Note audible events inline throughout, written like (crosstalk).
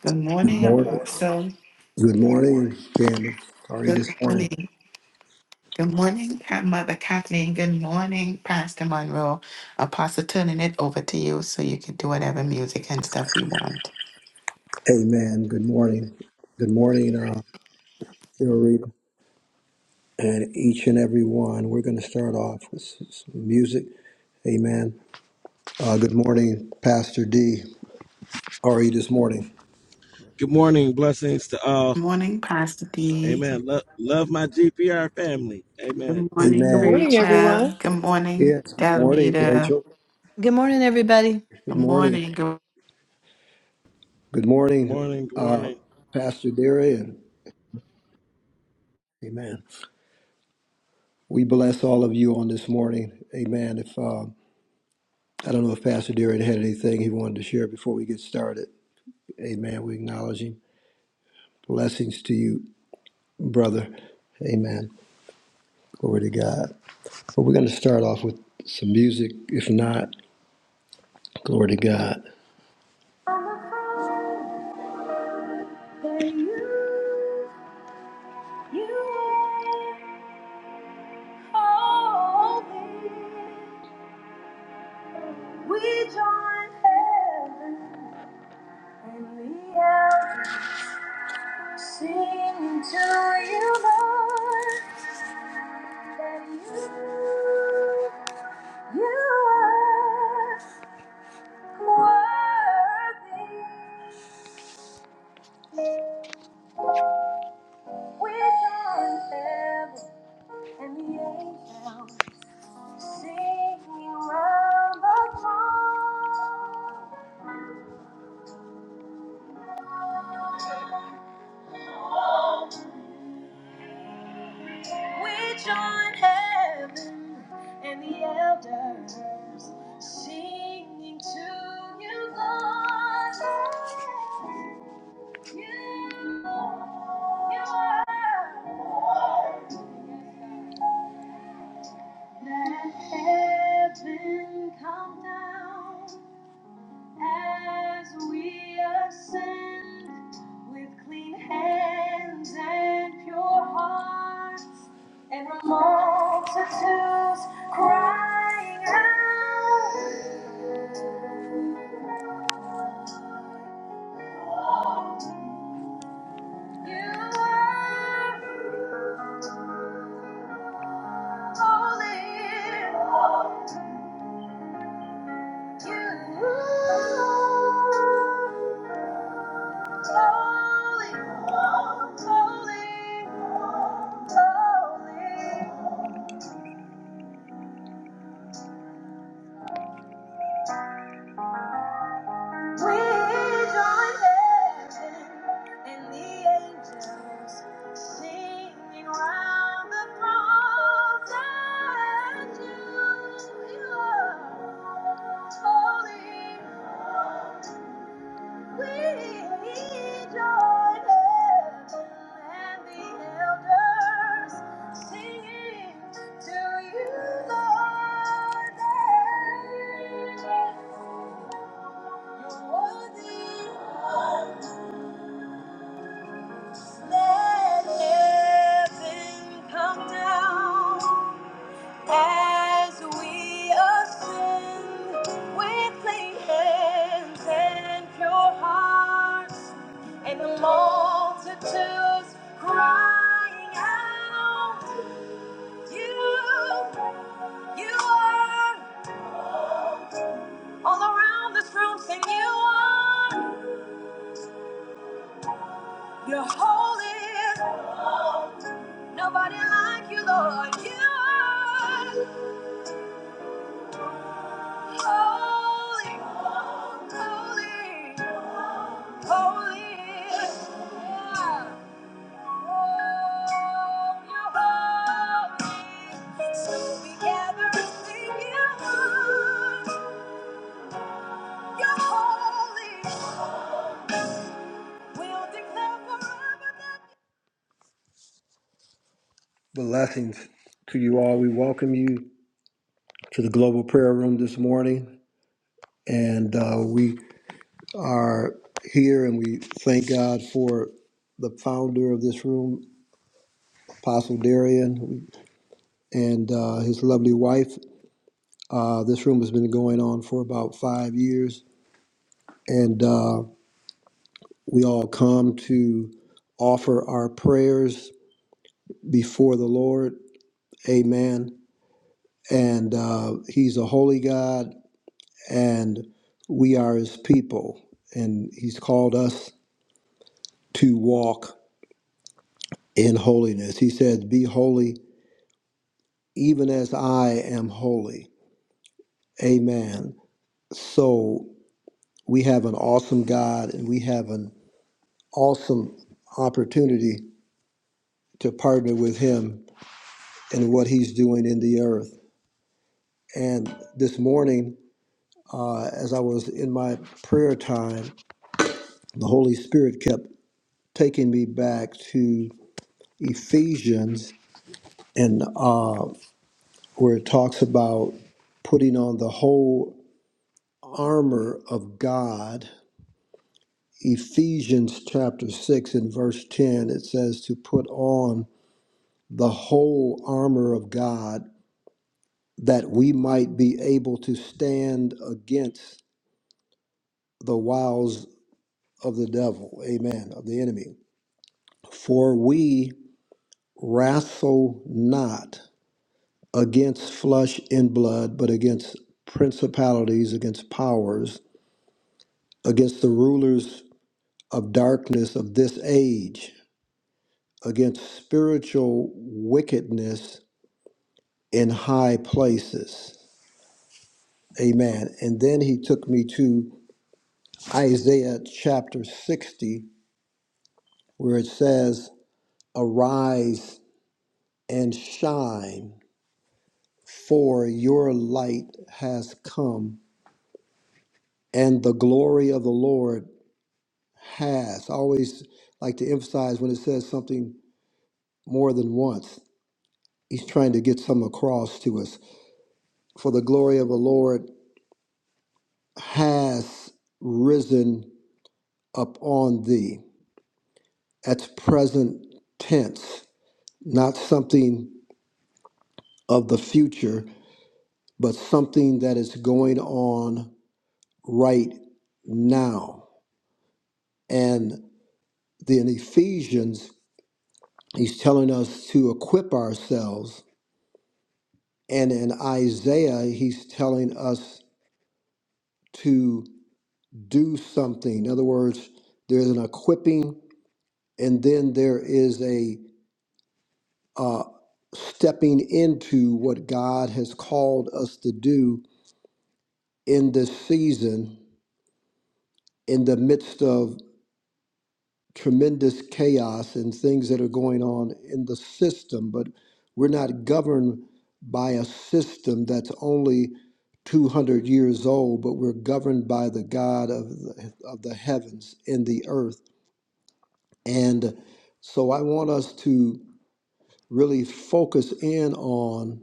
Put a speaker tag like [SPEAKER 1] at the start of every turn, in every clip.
[SPEAKER 1] Good
[SPEAKER 2] Good
[SPEAKER 1] morning,
[SPEAKER 2] morning.
[SPEAKER 1] Apostle.
[SPEAKER 2] Good morning, Candace. How are you
[SPEAKER 1] Good
[SPEAKER 2] this morning.
[SPEAKER 1] morning. Good morning, Pat- Mother Kathleen. Good morning, Pastor Monroe. Apostle, turning it over to you so you can do whatever music and stuff you want.
[SPEAKER 2] Amen. Good morning. Good morning, uh, Rita. And each and every one. We're going to start off with s- some music. Amen. Uh, good morning, Pastor D. How are you this morning?
[SPEAKER 3] Good morning. Blessings to all.
[SPEAKER 1] Good morning, Pastor D.
[SPEAKER 3] Amen. Lo- love my GPR family. Amen.
[SPEAKER 1] Good morning,
[SPEAKER 4] Good
[SPEAKER 2] Amen.
[SPEAKER 4] morning,
[SPEAKER 1] Rachel.
[SPEAKER 4] everyone.
[SPEAKER 1] Good morning,
[SPEAKER 2] Yes. Good morning,
[SPEAKER 1] Delvita.
[SPEAKER 2] Rachel.
[SPEAKER 5] Good morning, everybody.
[SPEAKER 1] Good
[SPEAKER 2] Good morning.
[SPEAKER 1] morning. Good
[SPEAKER 2] Good
[SPEAKER 3] Good
[SPEAKER 2] morning,
[SPEAKER 3] morning. Good
[SPEAKER 2] uh,
[SPEAKER 3] morning.
[SPEAKER 2] Pastor Darian. Amen. We bless all of you on this morning. Amen. If uh, I don't know if Pastor Darian had anything he wanted to share before we get started. Amen. We acknowledge him. Blessings to you, brother. Amen. Glory to God. But we're going to start off with some music. If not, glory to God. You. are. holy. We join heaven and the earth, singing to you, Lord. that you, you are. We join heaven and the elders singing to you, Lord. Let heaven come down as we ascend with clean hands and pure hearts and the multitudes crying out. You are. Holy, We join heaven and the elders singing to you, Lord. You're worthy. Let heaven come down as we ascend with clean hands and pure hearts, and the multitudes crying out, You, you are all around this room, sing you are, you're holy, nobody like you, Lord, you are. Holy, holy, holy. Yeah. Oh, you're holy. So we gather and sing you. You're holy. We'll declare forever that blessings to you all. We welcome you to the Global Prayer Room this morning, and uh, we are here, and we thank God for the founder of this room, Apostle Darian, and uh, his lovely wife. Uh, this room has been going on for about five years, and uh, we all come to offer our prayers before the Lord. Amen. And uh, He's a holy God, and we are His people, and He's called us to walk in holiness. He says, Be holy even as I am holy. Amen. So we have an awesome God and we have an awesome opportunity to partner with Him in what He's doing in the earth. And this morning, uh, as I was in my prayer time, the Holy Spirit kept taking me back to Ephesians, and uh, where it talks about putting on the whole armor of God Ephesians chapter 6 and verse 10, it says to put on the whole armor of God that we might be able to stand against the wiles of the devil, amen, of the enemy. For we wrestle not against flesh and blood, but against principalities, against powers, against the rulers of darkness of this age, against spiritual wickedness in high places. Amen. And then he took me to Isaiah chapter 60, where it says, Arise and shine, for your light has come, and the glory of the Lord has. I always like to emphasize when it says something more than once, he's trying to get some across to us. For the glory of the Lord has risen upon thee. That's present tense, not something of the future, but something that is going on right now. And then Ephesians, he's telling us to equip ourselves. And in Isaiah, he's telling us to do something. In other words, there's an equipping, and then there is a uh, stepping into what God has called us to do in this season, in the midst of tremendous chaos and things that are going on in the system, but we're not governed by a system that's only 200 years old, but we're governed by the God of the, of the heavens and the earth. And so I want us to really focus in on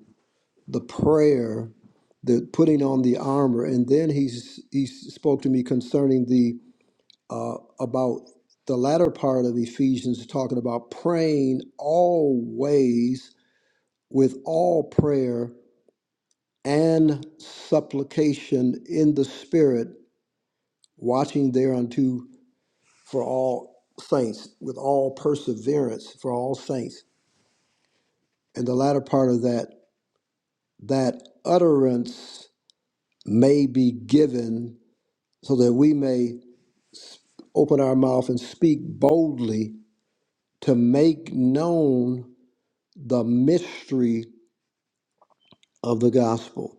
[SPEAKER 2] the prayer, the putting on the armor. And then he's, he spoke to me concerning the about the latter part of Ephesians, talking about praying always with all prayer and supplication in the Spirit, watching thereunto for all saints, with all perseverance for all saints. And the latter part of that, that utterance may be given so that we may open our mouth and speak boldly to make known the mystery of the gospel.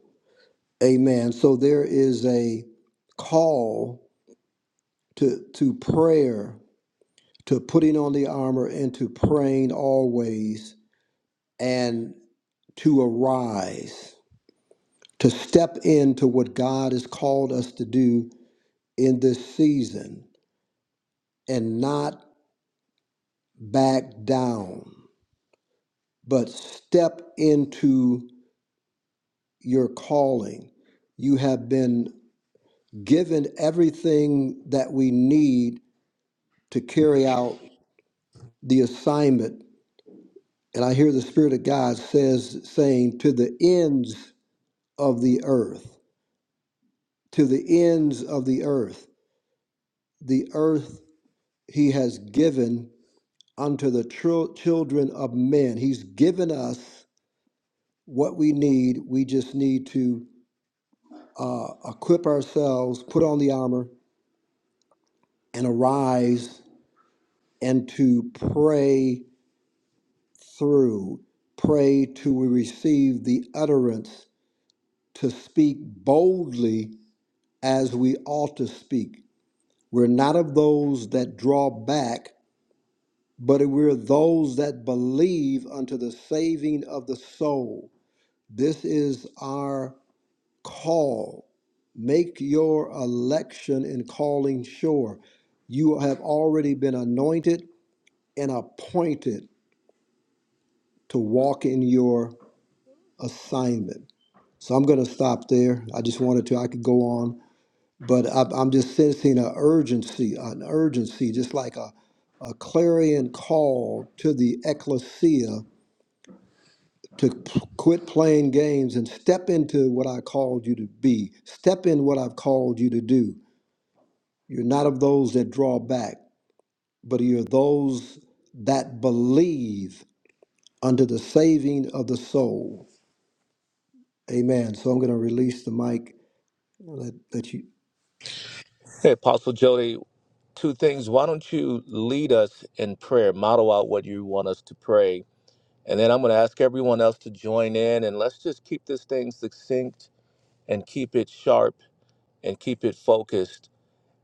[SPEAKER 2] Amen. So there is a call to to prayer, to putting on the armor and to praying always and to arise, to step into what God has called us to do in this season and not back down, but step into your calling. You have been given everything that we need to carry out the assignment, and I hear the Spirit of God says saying to the ends of the earth, to the ends of the earth, the earth He has given unto the tr- children of men. He's given us what we need. We just need to uh, equip ourselves, put on the armor, and arise and to pray through, pray till we receive the utterance to speak boldly as we ought to speak. We're not of those that draw back, but we're those that believe unto the saving of the soul. This is our call. Make your election and calling sure. You have already been anointed and appointed to walk in your assignment. So I'm going to stop there. I just wanted to, I could go on but I, I'm just sensing an urgency, an urgency, just like a, a clarion call to the ecclesia to p- quit playing games and step into what I called you to be. Step in what I've called you to do. You're not of those that draw back, but you're those that believe unto the saving of the soul. Amen. So I'm going to release the mic. Let, let you.
[SPEAKER 6] Hey, Apostle Jody, two things. Why don't you lead us in prayer, model out what you want us to pray? And then I'm going to ask everyone else to join in and let's just keep this thing succinct and keep it sharp and keep it focused.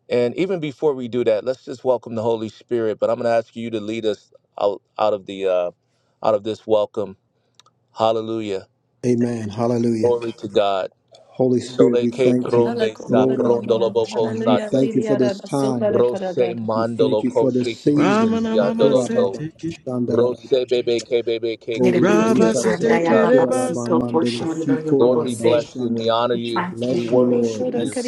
[SPEAKER 6] And even before we do that, let's just welcome the Holy Spirit. But I'm going to ask you to lead us out, out of the uh, out of this welcome. Hallelujah.
[SPEAKER 2] Amen. Hallelujah.
[SPEAKER 6] Glory to God.
[SPEAKER 2] Holy Spirit,
[SPEAKER 6] Sole
[SPEAKER 2] we
[SPEAKER 6] que
[SPEAKER 2] thank you.
[SPEAKER 6] pronde
[SPEAKER 5] Hala kola
[SPEAKER 6] sa
[SPEAKER 2] Lord,
[SPEAKER 5] bari
[SPEAKER 6] prondoloboko
[SPEAKER 2] Alabashana, we
[SPEAKER 5] Hallelujah.
[SPEAKER 6] sate.
[SPEAKER 2] thank you
[SPEAKER 5] Diri
[SPEAKER 2] for
[SPEAKER 5] yara
[SPEAKER 2] this
[SPEAKER 5] da sopa
[SPEAKER 2] time.
[SPEAKER 5] da
[SPEAKER 6] Rose
[SPEAKER 2] We thank
[SPEAKER 6] mandolo
[SPEAKER 2] you for this
[SPEAKER 6] koshe kibiki
[SPEAKER 2] season.
[SPEAKER 3] Ramana mama
[SPEAKER 6] siandolo
[SPEAKER 3] se
[SPEAKER 6] to.
[SPEAKER 3] teke.
[SPEAKER 2] Ikorababashanda,
[SPEAKER 6] Rose bebe ke bebe ke
[SPEAKER 2] Oh,
[SPEAKER 1] Little
[SPEAKER 2] we
[SPEAKER 1] bit cute,
[SPEAKER 3] Rabba
[SPEAKER 6] keshete
[SPEAKER 2] release
[SPEAKER 3] si
[SPEAKER 2] ourselves.
[SPEAKER 1] Sandaya
[SPEAKER 3] teke
[SPEAKER 6] rebosa.
[SPEAKER 1] Baba
[SPEAKER 3] rebasa.
[SPEAKER 1] Sito for
[SPEAKER 2] Ikorabamandene,
[SPEAKER 1] Shondo
[SPEAKER 6] Lord,
[SPEAKER 1] Yobobo
[SPEAKER 6] we
[SPEAKER 1] say.
[SPEAKER 6] bless you and we
[SPEAKER 2] Sikorabashanda.
[SPEAKER 6] honor
[SPEAKER 1] It's
[SPEAKER 6] you.
[SPEAKER 1] my
[SPEAKER 6] We
[SPEAKER 2] Bless
[SPEAKER 1] friend,
[SPEAKER 2] you, Lord.
[SPEAKER 6] worship you.
[SPEAKER 1] everybody's.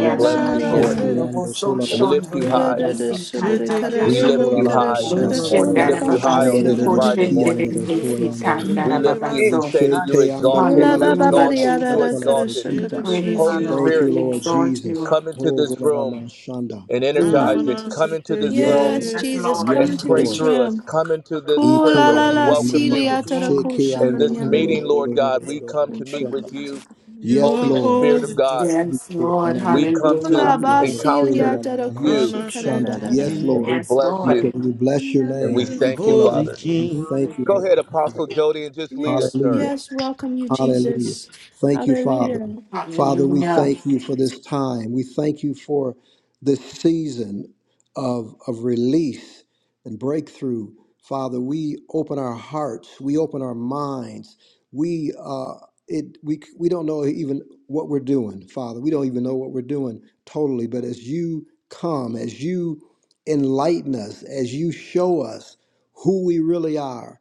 [SPEAKER 6] We bless you,
[SPEAKER 5] sumari
[SPEAKER 3] mara
[SPEAKER 6] Lord.
[SPEAKER 5] yana.
[SPEAKER 3] se.
[SPEAKER 2] Shekiando,
[SPEAKER 1] So
[SPEAKER 6] And we lift
[SPEAKER 1] Shondo
[SPEAKER 6] you
[SPEAKER 5] Kura
[SPEAKER 6] high.
[SPEAKER 1] Yobobo
[SPEAKER 5] da
[SPEAKER 2] Kolalabashanda.
[SPEAKER 3] She
[SPEAKER 5] kara
[SPEAKER 3] teke
[SPEAKER 6] We lift
[SPEAKER 5] sumari
[SPEAKER 6] you
[SPEAKER 5] kara
[SPEAKER 3] rebosu.
[SPEAKER 6] high
[SPEAKER 4] Thank
[SPEAKER 5] shoda
[SPEAKER 6] this
[SPEAKER 1] Ocean
[SPEAKER 6] morning. We
[SPEAKER 5] kola
[SPEAKER 6] lift
[SPEAKER 2] Ikolalabababababashanda,
[SPEAKER 6] you
[SPEAKER 5] ba
[SPEAKER 4] you,
[SPEAKER 6] high on
[SPEAKER 1] Darababasi,
[SPEAKER 6] this Friday
[SPEAKER 1] Ocean
[SPEAKER 6] morning.
[SPEAKER 2] Kiando,
[SPEAKER 3] Robo
[SPEAKER 1] Dedicate,
[SPEAKER 3] se
[SPEAKER 2] Koyandara.
[SPEAKER 6] We
[SPEAKER 3] teke
[SPEAKER 6] lift you. We
[SPEAKER 1] Tandarababaso.
[SPEAKER 3] rebasa
[SPEAKER 6] say that
[SPEAKER 3] do.
[SPEAKER 6] you're
[SPEAKER 2] Shete ando
[SPEAKER 6] exalted.
[SPEAKER 5] Ula
[SPEAKER 2] kola la
[SPEAKER 6] You're
[SPEAKER 5] ba
[SPEAKER 2] la
[SPEAKER 5] ba
[SPEAKER 1] Hallelujah,
[SPEAKER 2] ba ba
[SPEAKER 6] exalted. You're
[SPEAKER 5] da
[SPEAKER 2] shata
[SPEAKER 1] Jesus.
[SPEAKER 2] la la
[SPEAKER 5] kara
[SPEAKER 2] de
[SPEAKER 6] exalted.
[SPEAKER 1] We
[SPEAKER 3] Rebe
[SPEAKER 5] shakara
[SPEAKER 2] kita.
[SPEAKER 3] bebe
[SPEAKER 1] praise you,
[SPEAKER 6] Holy
[SPEAKER 5] sumari.
[SPEAKER 3] she
[SPEAKER 1] Lord.
[SPEAKER 2] Thank
[SPEAKER 6] Spirit,
[SPEAKER 2] you,
[SPEAKER 1] We
[SPEAKER 3] teke.
[SPEAKER 2] Lord
[SPEAKER 1] exalt
[SPEAKER 2] Jesus.
[SPEAKER 1] you.
[SPEAKER 6] come into
[SPEAKER 2] Oh,
[SPEAKER 6] this
[SPEAKER 2] gola la ma
[SPEAKER 6] room
[SPEAKER 2] shanda.
[SPEAKER 6] and
[SPEAKER 2] Mm.
[SPEAKER 6] energize
[SPEAKER 5] Come
[SPEAKER 3] Ramana
[SPEAKER 6] it.
[SPEAKER 5] to,
[SPEAKER 6] Come
[SPEAKER 3] si
[SPEAKER 6] into this
[SPEAKER 2] Yes,
[SPEAKER 6] room
[SPEAKER 2] Lord.
[SPEAKER 5] yes,
[SPEAKER 3] teke
[SPEAKER 1] Yes,
[SPEAKER 5] Jesus,
[SPEAKER 1] Lord.
[SPEAKER 5] come
[SPEAKER 6] and
[SPEAKER 3] rebasa
[SPEAKER 2] Yes,
[SPEAKER 5] into
[SPEAKER 6] pray
[SPEAKER 5] this
[SPEAKER 2] Lord.
[SPEAKER 3] do.
[SPEAKER 6] through
[SPEAKER 4] Jesus.
[SPEAKER 6] us.
[SPEAKER 5] room.
[SPEAKER 6] Come into this
[SPEAKER 2] E
[SPEAKER 6] prayer
[SPEAKER 5] Kula
[SPEAKER 2] kola
[SPEAKER 6] room.
[SPEAKER 2] la
[SPEAKER 5] la
[SPEAKER 6] We
[SPEAKER 2] la
[SPEAKER 5] la,
[SPEAKER 2] la ma ma
[SPEAKER 6] welcome you.
[SPEAKER 2] ma.
[SPEAKER 5] siliata da
[SPEAKER 4] Glory,
[SPEAKER 5] ko
[SPEAKER 2] Sheke
[SPEAKER 6] In
[SPEAKER 2] ando
[SPEAKER 6] this
[SPEAKER 2] kola la
[SPEAKER 6] meeting,
[SPEAKER 2] la la
[SPEAKER 6] Lord
[SPEAKER 2] la
[SPEAKER 6] God,
[SPEAKER 2] la
[SPEAKER 6] we
[SPEAKER 2] la la la
[SPEAKER 6] come
[SPEAKER 2] ba
[SPEAKER 6] to meet
[SPEAKER 2] shanda.
[SPEAKER 6] with you,
[SPEAKER 3] You
[SPEAKER 2] Yes,
[SPEAKER 3] are
[SPEAKER 6] Holy
[SPEAKER 2] Lord.
[SPEAKER 6] Spirit of
[SPEAKER 3] holy.
[SPEAKER 4] Thank you.
[SPEAKER 6] God.
[SPEAKER 4] Jesus.
[SPEAKER 2] E
[SPEAKER 1] Yes,
[SPEAKER 2] kola la
[SPEAKER 1] Lord.
[SPEAKER 2] la
[SPEAKER 6] We
[SPEAKER 2] ma.
[SPEAKER 6] come to
[SPEAKER 5] Ula
[SPEAKER 1] Hallelujah.
[SPEAKER 2] Sheke ando
[SPEAKER 4] Glory to you.
[SPEAKER 2] kola
[SPEAKER 5] basilia
[SPEAKER 2] la
[SPEAKER 6] encounter
[SPEAKER 2] la
[SPEAKER 5] dada
[SPEAKER 2] la la la ba
[SPEAKER 6] you,
[SPEAKER 5] kushi
[SPEAKER 4] We
[SPEAKER 3] Rana
[SPEAKER 5] kada
[SPEAKER 3] se
[SPEAKER 4] surrender.
[SPEAKER 5] da
[SPEAKER 2] shanda.
[SPEAKER 5] da da.
[SPEAKER 2] Yes,
[SPEAKER 3] teke.
[SPEAKER 6] and
[SPEAKER 2] Lord.
[SPEAKER 6] we
[SPEAKER 1] Yes,
[SPEAKER 6] bless
[SPEAKER 2] E
[SPEAKER 6] you,
[SPEAKER 1] Lord.
[SPEAKER 2] kola- We bless your
[SPEAKER 6] and we
[SPEAKER 2] name. E
[SPEAKER 4] Thank
[SPEAKER 6] thank you,
[SPEAKER 4] you.
[SPEAKER 2] kola la
[SPEAKER 3] Holy
[SPEAKER 2] la
[SPEAKER 6] Father.
[SPEAKER 2] la. We
[SPEAKER 4] We
[SPEAKER 3] King.
[SPEAKER 4] honor
[SPEAKER 2] thank you,
[SPEAKER 6] Go
[SPEAKER 4] you.
[SPEAKER 6] ahead,
[SPEAKER 2] Lord.
[SPEAKER 6] Apostle Jody, and just lead us,
[SPEAKER 5] Yes,
[SPEAKER 6] sir.
[SPEAKER 2] Hallelujah.
[SPEAKER 5] yes, welcome you,
[SPEAKER 2] Hallelujah.
[SPEAKER 5] Jesus.
[SPEAKER 2] Thank you, Father.
[SPEAKER 5] Hallelujah.
[SPEAKER 2] Father, we
[SPEAKER 1] Hallelujah.
[SPEAKER 2] thank you for this time. We thank you for this season of, of release and breakthrough. Father, we open our hearts, we open our minds. We uh, it we we don't know even what we're doing, Father. We don't even know what we're doing totally. But as you come, as you enlighten us, as you show us who we really are,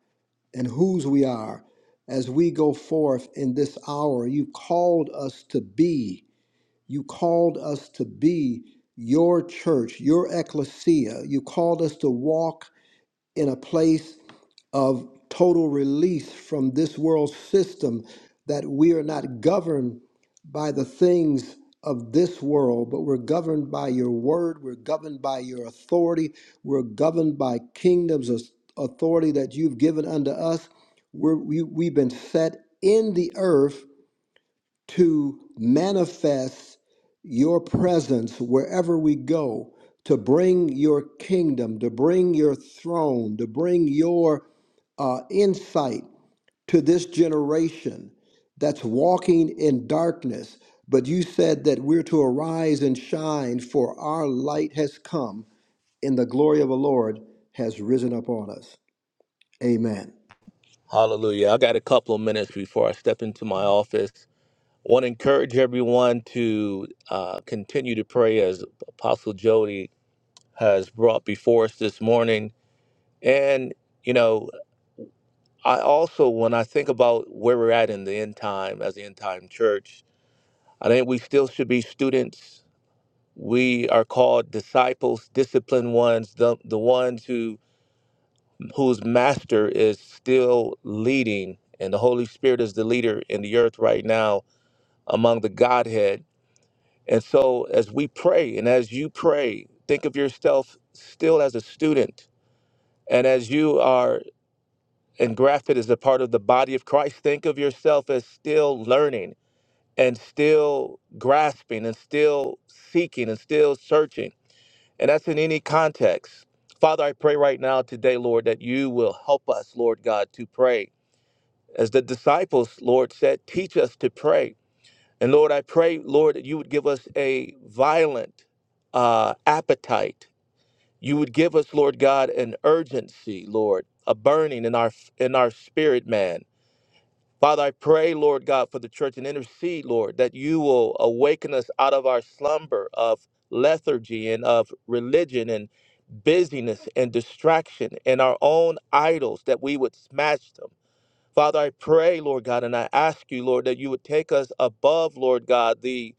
[SPEAKER 2] and whose we are as we go forth in this hour. You called us to be. You called us to be your church, your ecclesia. You called us to walk in a place of total release from this world system, that we are not governed by the things of this world, but we're governed by your word, we're governed by your authority, we're governed by kingdoms of authority that you've given unto us. We're, we, we've been set in the earth to manifest your presence wherever we go, to bring your kingdom, to bring your throne, to bring your uh, insight to this generation that's walking in darkness. But you said that we're to arise and shine, for our light has come, and the glory of the Lord has risen upon us. Amen.
[SPEAKER 6] Hallelujah. I got a couple of minutes before I step into my office. I want to encourage everyone to uh, continue to pray as Apostle Jody has brought before us this morning. And, you know, I also, when I think about where we're at in the end time as the end time church, I think we still should be students. We are called disciples, disciplined ones, the, the ones who whose master is still leading, and the Holy Spirit is the leader in the earth right now among the Godhead. And so, as we pray, and as you pray, think of yourself still as a student, and as you are engrafted as a part of the body of Christ, think of yourself as still learning and still grasping and still seeking and still searching. And that's in any context. Father, I pray right now today, Lord, that you will help us, Lord God, to pray. As the disciples, Lord, said, teach us to pray. And Lord, I pray, Lord, that you would give us a violent uh, appetite. You would give us, Lord God, an urgency, Lord, a burning in our in our spirit, man Father, I pray, Lord God, for the church and intercede, Lord, that you will awaken us out of our slumber of lethargy and of religion and busyness and distraction and our own idols, that we would smash them. Father, I pray, Lord God, and I ask you, Lord, that you would take us above, Lord God, the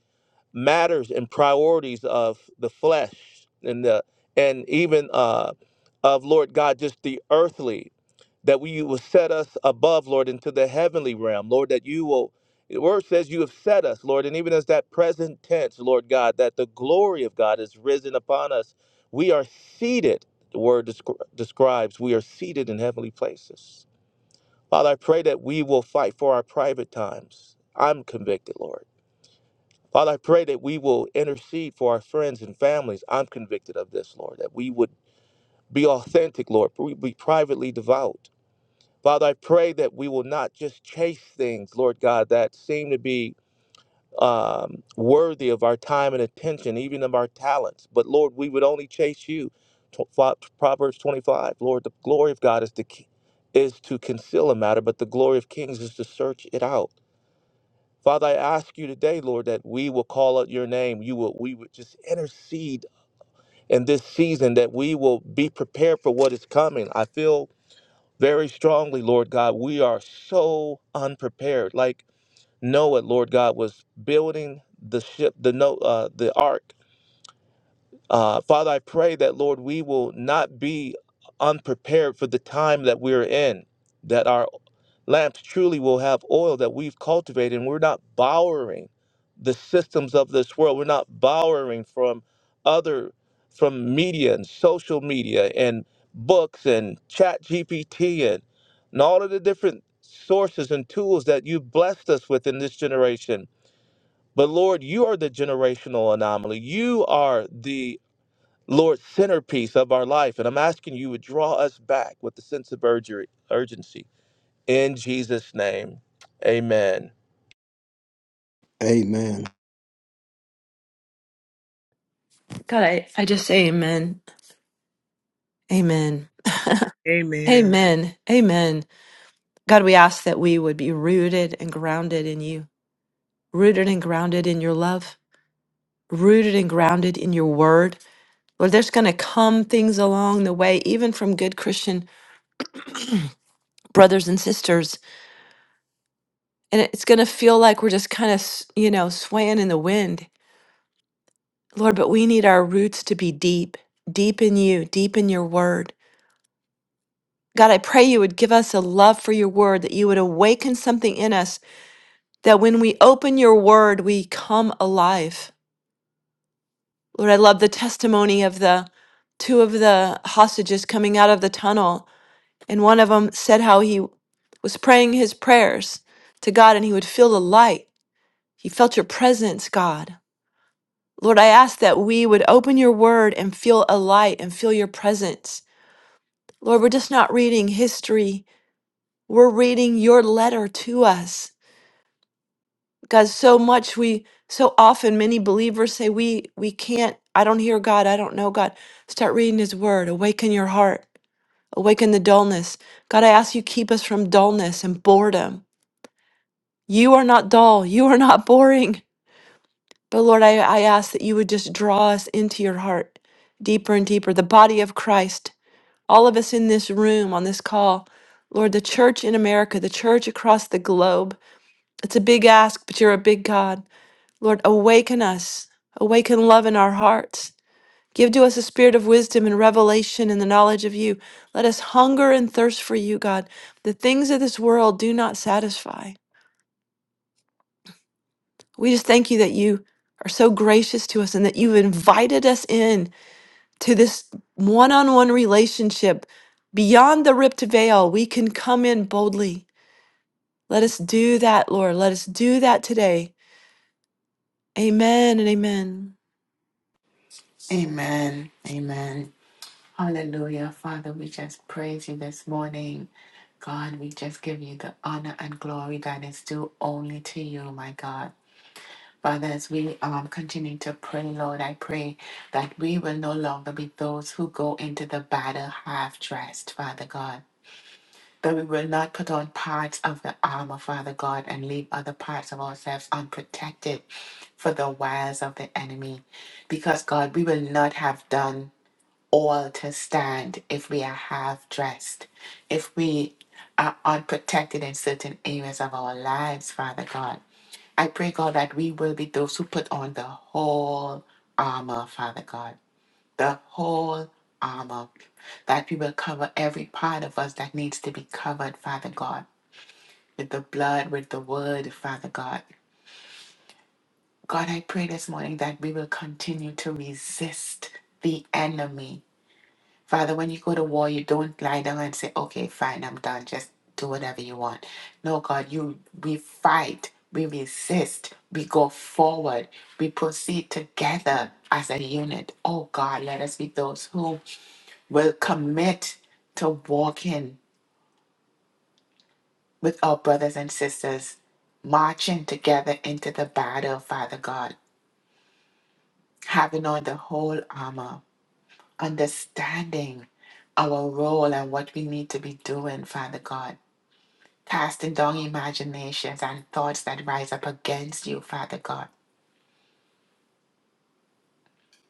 [SPEAKER 6] matters and priorities of the flesh and the and even uh, of Lord God, just the earthly, that we you will set us above, Lord, into the heavenly realm, Lord, that you will. The word says you have set us, Lord, and even as that present tense, Lord God, that the glory of God is risen upon us. We are seated. The word descri- describes we are seated in heavenly places. Father, I pray that we will fight for our private times. I'm convicted, Lord Father, I pray that we will intercede for our friends and families. I'm convicted of this, Lord, that we would be authentic, Lord, we be privately devout. Father, I pray that we will not just chase things, Lord God, that seem to be um, worthy of our time and attention, even of our talents. But Lord, we would only chase you. Tw- Fa- Proverbs 25, Lord, the glory of God is to, ki- is to conceal a matter, but the glory of kings is to search it out. Father, I ask you today, Lord, that we will call out your name. You will we would just intercede in this season, that we will be prepared for what is coming. I feel very strongly, Lord God, we are so unprepared. Like Noah, Lord God, was building the ship, the no uh the ark. Uh, Father, I pray that, Lord, we will not be unprepared for the time that we're in, that our lamps truly will have oil that we've cultivated, and we're not borrowing the systems of this world. We're not borrowing from other, from media and social media and books and chat GPT and, and all of the different sources and tools that you've blessed us with in this generation. But Lord, you are the generational anomaly. You are the Lord, centerpiece of our life. And I'm asking you would draw us back with a sense of urgery, urgency. In Jesus' name, amen.
[SPEAKER 2] Amen.
[SPEAKER 5] God, I, I just say amen. Amen.
[SPEAKER 4] Amen.
[SPEAKER 5] Amen. Amen. God, we ask that we would be rooted and grounded in you, rooted and grounded in your love, rooted and grounded in your word. Lord, there's going to come things along the way, even from good Christian brothers and sisters. And it's going to feel like we're just kind of, you know, swaying in the wind. Lord, but we need our roots to be deep, deep in you, deep in your word. God, I pray you would give us a love for your word, that you would awaken something in us, that when we open your word, we come alive. Lord, I love the testimony of the two of the hostages coming out of the tunnel, and one of them said how he was praying his prayers to God and he would feel the light. He felt your presence, God. Lord, I ask that we would open your word and feel a light and feel your presence Lord, we're just not reading history. We're reading your letter to us. God, so much we so often many believers say we we can't I don't hear God, I don't know God. Start reading his word. Awaken your heart. Awaken the dullness. God, I ask you keep us from dullness and boredom. You are not dull. You are not (laughs) boring. But Lord, I, I ask that you would just draw us into your heart deeper and deeper. The body of Christ all of us in this room on this call, Lord, the church in America, the church across the globe. It's a big ask, but you're a big God. Lord, awaken us, awaken love in our hearts. Give to us a spirit of wisdom and revelation and the knowledge of you. Let us hunger and thirst for you, God. The things of this world do not satisfy. We just thank you that you are so gracious to us and that you've invited us in to this one on one relationship. Beyond the ripped veil, we can come in boldly Let us do that, Lord. Let us do that today. Amen and amen.
[SPEAKER 1] Amen. Amen. Hallelujah. Father, we just praise you this morning. God, we just give you the honor and glory that is due only to you, my God. Father, as we um, continue to pray, Lord, I pray that we will no longer be those who go into the battle half dressed, Father God. That we will not put on parts of the armor, Father God, and leave other parts of ourselves unprotected for the wiles of the enemy. Because, God, we will not have done all to stand if we are half dressed, if we are unprotected in certain areas of our lives, Father God. I pray, God, that we will be those who put on the whole armor, Father God. The whole armor. That we will cover every part of us that needs to be covered, Father God, with the blood, with the word, Father God. God, I pray this morning that we will continue to resist the enemy Father, when you go to war, you don't lie down and say, okay, fine, I'm done. Just do whatever you want. No, God, you we fight, we resist, we go forward, we proceed together as a unit. Oh God, let us be those who will commit to walking with our brothers and sisters, marching together into the battle, Father God, having on the whole armor, understanding our role and what we need to be doing, Father God casting down imaginations and thoughts that rise up against you, Father God.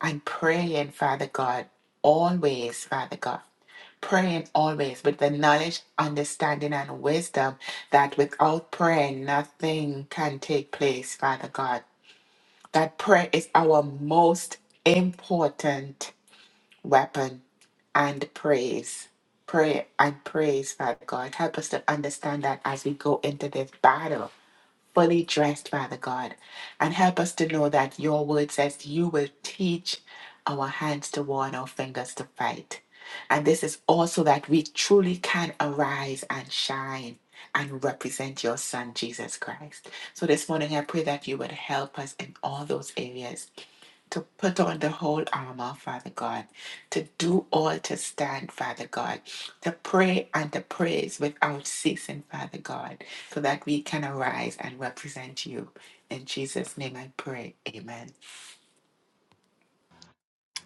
[SPEAKER 1] And praying, Father God, always, Father God. Praying always with the knowledge, understanding, and wisdom that without prayer, nothing can take place, Father God. That prayer is our most important weapon and praise. Prayer and praise, Father God. Help us to understand that as we go into this battle fully dressed, Father God. And help us to know that your word says you will teach our hands to war and our fingers to fight. And this is also that we truly can arise and shine and represent your son, Jesus Christ. So this morning, I pray that you would help us in all those areas to put on the whole armor, Father God, to do all to stand, Father God, to pray and to praise without ceasing, Father God, so that we can arise and represent you. In Jesus' name I pray. Amen.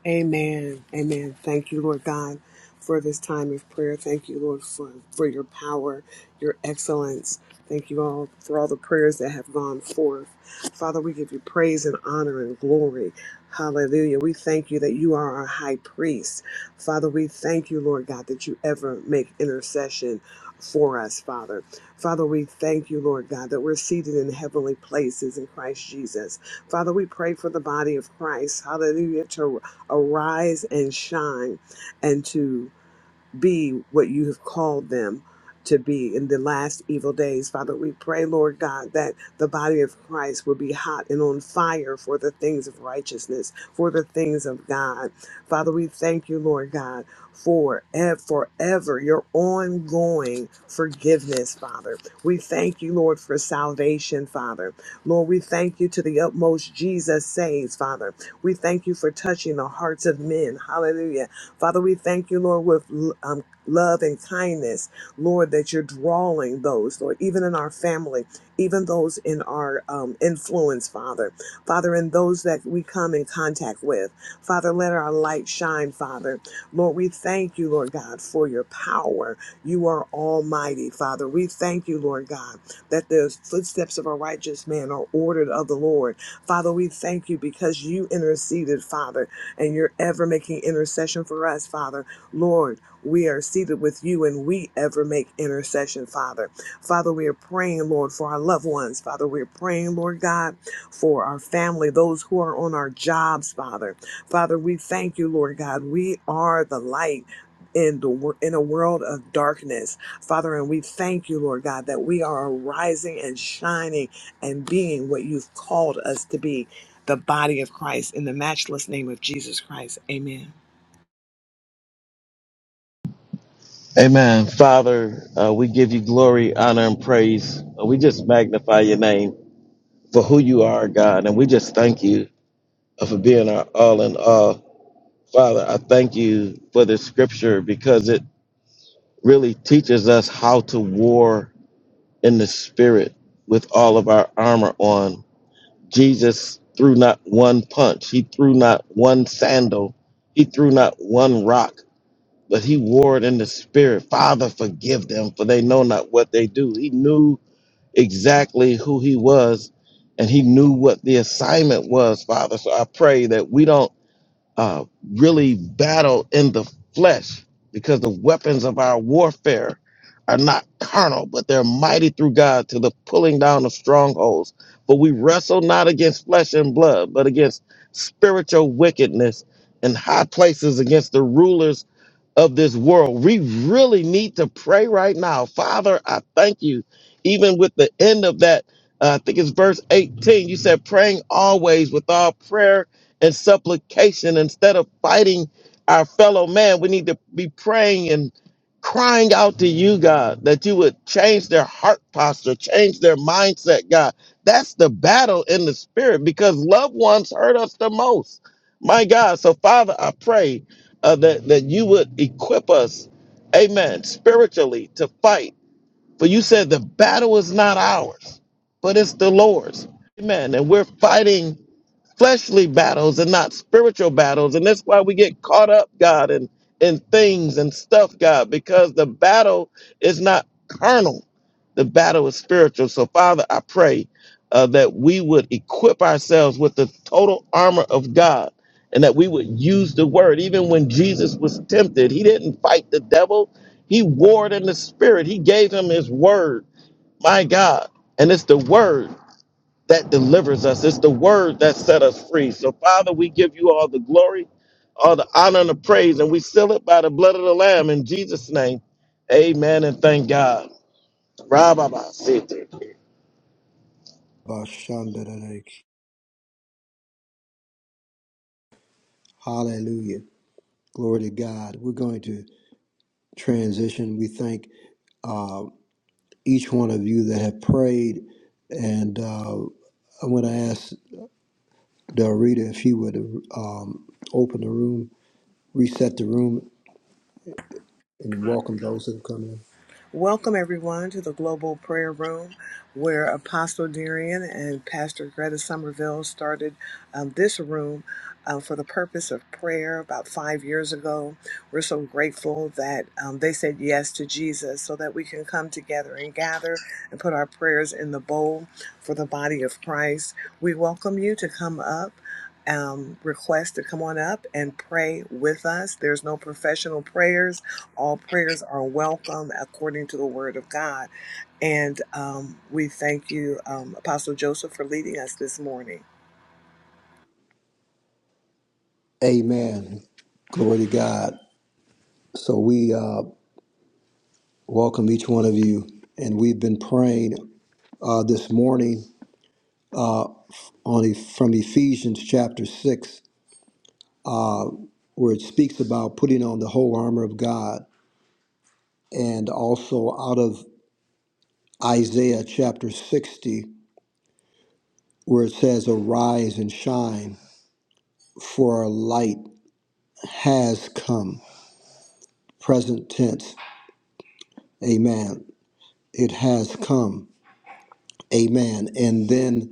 [SPEAKER 4] Amen. Amen. Thank you, Lord God, for this time of prayer. Thank you, Lord, for, for your power, your excellence. Thank you all for all the prayers that have gone forth. Father, we give you praise and honor and glory. Hallelujah. We thank you that you are our high priest. Father, we thank you, Lord God, that you ever make intercession for us, Father. Father, we thank you, Lord God, that we're seated in heavenly places in Christ Jesus. Father, we pray for the body of Christ. Hallelujah arise and shine and to be what you have called them to be in the last evil days. Father, we pray, Lord God, that the body of Christ will be hot and on fire for the things of righteousness, for the things of God. Father, we thank you, Lord God, for ev- forever your ongoing forgiveness, Father. We thank you, Lord, for salvation, Father. Lord, we thank you to the utmost Jesus saves, Father. We thank you for touching the hearts of men. Hallelujah Father, we thank you, Lord, with um, love and kindness, Lord, that you're drawing those, Lord, even in our family, even those in our um, influence, Father. Father, and those that we come in contact with. Father, let our light shine, Father. Lord, we thank you, Lord God, for your power. You are almighty, Father. We thank you, Lord God, that the footsteps of a righteous man are ordered of the Lord. Father, we thank you because you interceded, Father and you're ever making intercession for us, Father. Lord, we are seated with you and we ever make intercession, Father. Father, we are praying, Lord, for our loved ones. Father, we are praying, Lord God, for our family, those who are on our jobs, Father. Father, we thank you, Lord God. We are the light. In the wor- in a world of darkness, Father, and we thank you, Lord God, that we are arising and shining and being what you've called us to be, the body of Christ, in the matchless name of Jesus Christ. Amen.
[SPEAKER 3] Amen. Father, uh, we give you glory, honor, and praise. Uh, we just magnify your name for who you are, God. And we just thank you uh, for being our all in all. Father, I thank you for this scripture because it really teaches us how to war in the spirit with all of our armor on. Jesus threw not one punch, he threw not one sandal, he threw not one rock. but he warred in the spirit, Father, forgive them, for they know not what they do. He knew exactly who he was, and he knew what the assignment was, Father. So I pray that we don't uh, really battle in the flesh, because the weapons of our warfare are not carnal, but they're mighty through God to the pulling down of strongholds. For we wrestle not against flesh and blood, but against spiritual wickedness in high places, against the rulers of this world. We really need to pray right now. Father, I thank you. Even with the end of that, uh, I think it's verse 18, you said, praying always with all prayer and supplication instead of fighting our fellow man. We need to be praying and crying out to you, God, that you would change their heart posture, change their mindset, God. That's the battle in the spirit because loved ones hurt us the most. My God. So, Father, I pray uh, that, that you would equip us, amen, spiritually to fight. For you said the battle is not ours, but it's the Lord's. Amen. And we're fighting fleshly battles and not spiritual battles. And that's why we get caught up, God, in, in things and stuff, God, because the battle is not carnal, the battle is spiritual. So, Father, I pray uh, that we would equip ourselves with the total armor of God. And that we would use the word. Even when Jesus was tempted, he didn't fight the devil. He warred in the spirit. He gave him his word. My God. And it's the word that delivers us. It's the word that set us free. So, Father, we give you all the glory, all the honor, and the praise, and we seal it by the blood of the Lamb in Jesus' name. Amen and thank God. Rababa Sete.
[SPEAKER 2] Hallelujah. Glory to God. We're going to transition. We thank uh, each one of you that have prayed. And uh, I'm going to ask Del Rita if she would um, open the room, reset the room, and welcome those that have come in.
[SPEAKER 4] Welcome, everyone, to the Global Prayer Room, where Apostle Darian and Pastor Greta Somerville started um, this room uh, for the purpose of prayer about five years ago. We're so grateful that um, they said yes to Jesus so that we can come together and gather and put our prayers in the bowl for the body of Christ. We welcome you to come up. Um, request to come on up and pray with us. There's no professional prayers all prayers are welcome according to the word of God. And um, we thank you, um, Apostle Joseph, for leading us this morning.
[SPEAKER 2] Amen. Glory to God. So we uh, welcome each one of you. And we've been praying uh, this morning on E- from Ephesians chapter 6, where it speaks about putting on the whole armor of God and also out of Isaiah chapter 60, where it says, Arise and shine, for our light has come. Present tense, amen. It has come, amen. And then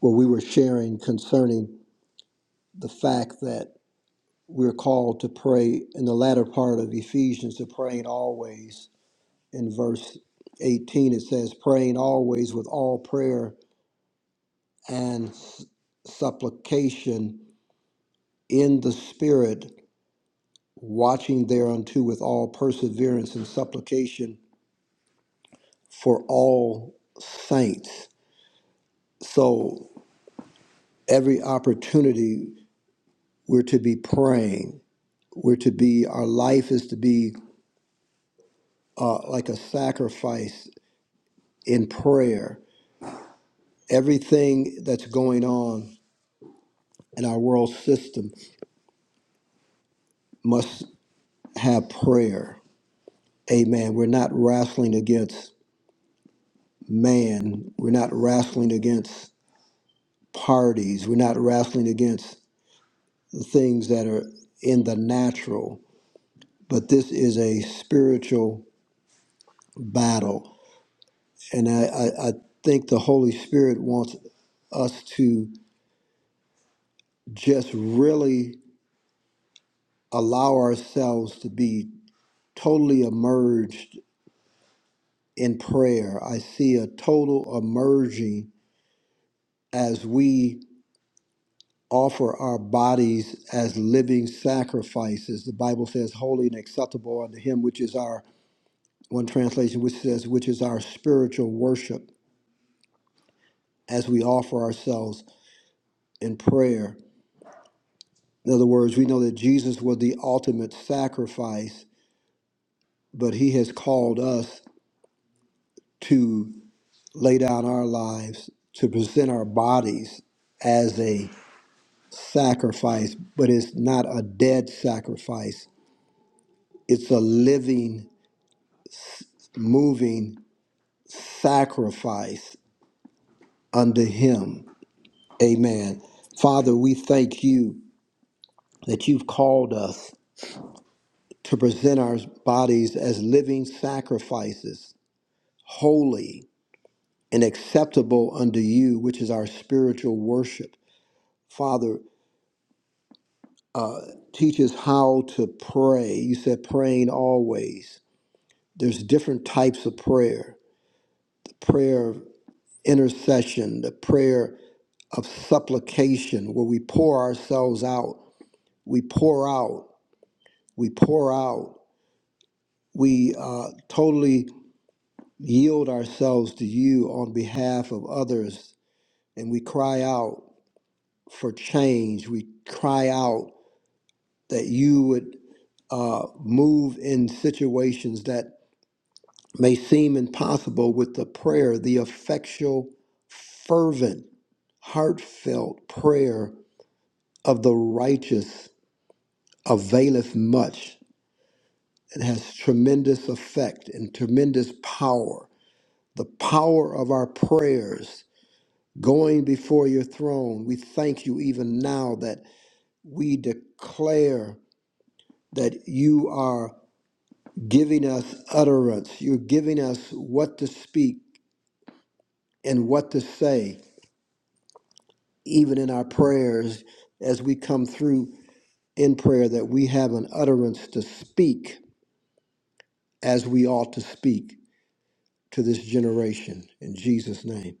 [SPEAKER 2] what we were sharing concerning the fact that we're called to pray in the latter part of Ephesians to praying always. In verse 18, it says, Praying always with all prayer and s- supplication in the Spirit watching thereunto with all perseverance and supplication for all saints. So every opportunity we're to be praying, we're to be, our life is to be uh, like a sacrifice in prayer. Everything that's going on in our world system must have prayer. Amen. We're not wrestling against man. We're not wrestling against parties. We're not wrestling against things that are in the natural, but this is a spiritual battle. And I, I, I think the Holy Spirit wants us to just really allow ourselves to be totally immersed in prayer. I see a total emerging as we offer our bodies as living sacrifices. The Bible says, holy and acceptable unto Him, which is our, one translation, which says, which is our spiritual worship. as we offer ourselves in prayer. In other words, we know that Jesus was the ultimate sacrifice, but he has called us to lay down our lives, to present our bodies as a sacrifice, but it's not a dead sacrifice. It's a living, moving sacrifice unto him. Amen. Father, we thank you that you've called us to present our bodies as living sacrifices, holy and acceptable unto you, which is our spiritual worship. Father, teach us how to pray. You said praying always. There's different types of prayer the prayer of intercession, the prayer of supplication, where we pour ourselves out. We pour out. We pour out. We uh, totally yield ourselves to you on behalf of others and we cry out for change. We cry out that you would uh, move in situations that may seem impossible with the prayer, the effectual, fervent, heartfelt prayer of the righteous availeth much. It has tremendous effect and tremendous power. The power of our prayers going before your throne. We thank you even now that we declare that you are giving us utterance. You're giving us what to speak and what to say, even in our prayers as we come through in prayer, that we have an utterance to speak as we ought to speak to this generation. In Jesus' name.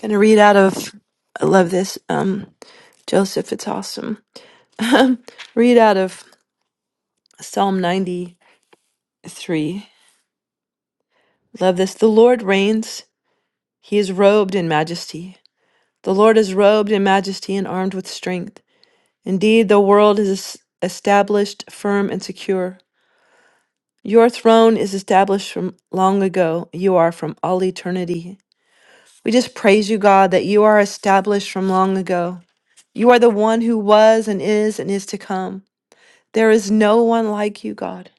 [SPEAKER 5] Gonna read out of I love this. Um Joseph, it's awesome. (laughs) read out of Psalm 93. Love this. The Lord reigns, he is robed in majesty. The Lord is robed in majesty and armed with strength. Indeed, the world is es- established firm and secure. Your throne is established from long ago. You are from all eternity. We just praise you, God, that you are established from long ago. You are the one who was and is and is to come. There is no one like you, God.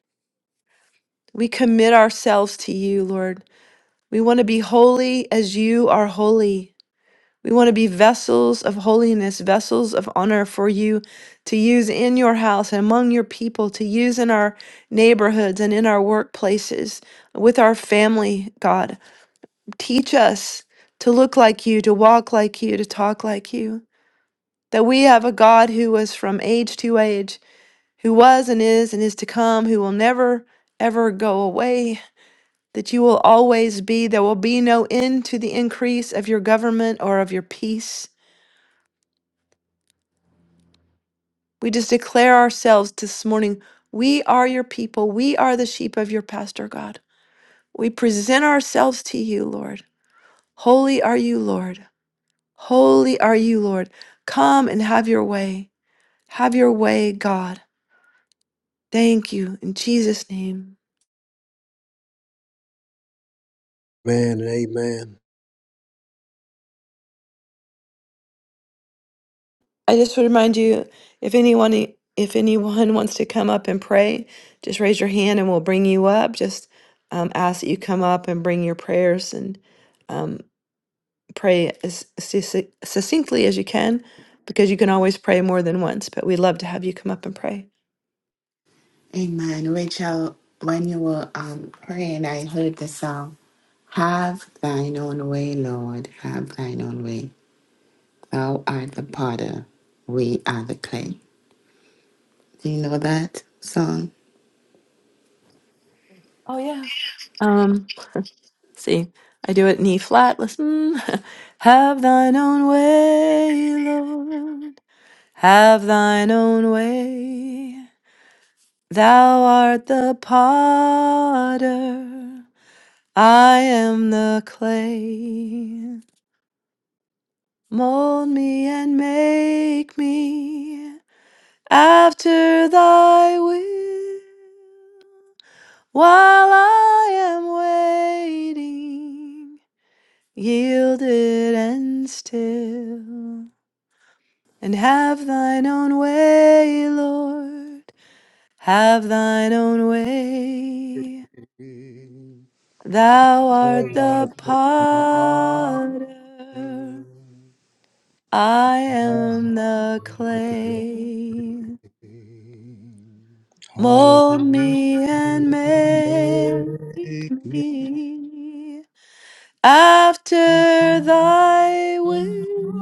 [SPEAKER 5] We commit ourselves to you, Lord. We want to be holy as you are holy. We want to be vessels of holiness, vessels of honor for you to use in your house and among your people, to use in our neighborhoods and in our workplaces, with our family, God. Teach us to look like you, to walk like you, to talk like you. that we have a God who was from age to age, who was and is and is to come, who will never, ever go away, that you will always be. There will be no end to the increase of your government or of your peace. We just declare ourselves this morning we are your people. We are the sheep of your pastor, God. We present ourselves to you, Lord. Holy are you, Lord. Holy are you, Lord. Come and have your way. Have your way, God. Thank you in Jesus' name.
[SPEAKER 2] Amen and
[SPEAKER 5] I just would remind you if anyone if anyone (laughs) wants to come up and pray, just raise your hand and we'll bring you up. Just um, ask that you come up and bring your prayers and um, pray as succ- succinctly as you can, because you can always pray more than once. But we love to have you come up and pray.
[SPEAKER 1] Amen. Rachel, when you were um, praying, I heard the song, Have thine own way, Lord, have thine own way. Thou art the potter, we are the clay. Do you know that song?
[SPEAKER 5] Oh, yeah. Um, let's see, I do it knee flat. Listen, (laughs) have thine own way, Lord. Have thine own way. Thou art the potter, I am the clay. Mold me and make me after thy will. While I am waiting, yielded and still, and have thine own way, Lord, have thine own way.
[SPEAKER 2] amen.
[SPEAKER 5] Thou art the potter, I am the clay.
[SPEAKER 2] Hallelujah.
[SPEAKER 5] Mold me and make me after thy will.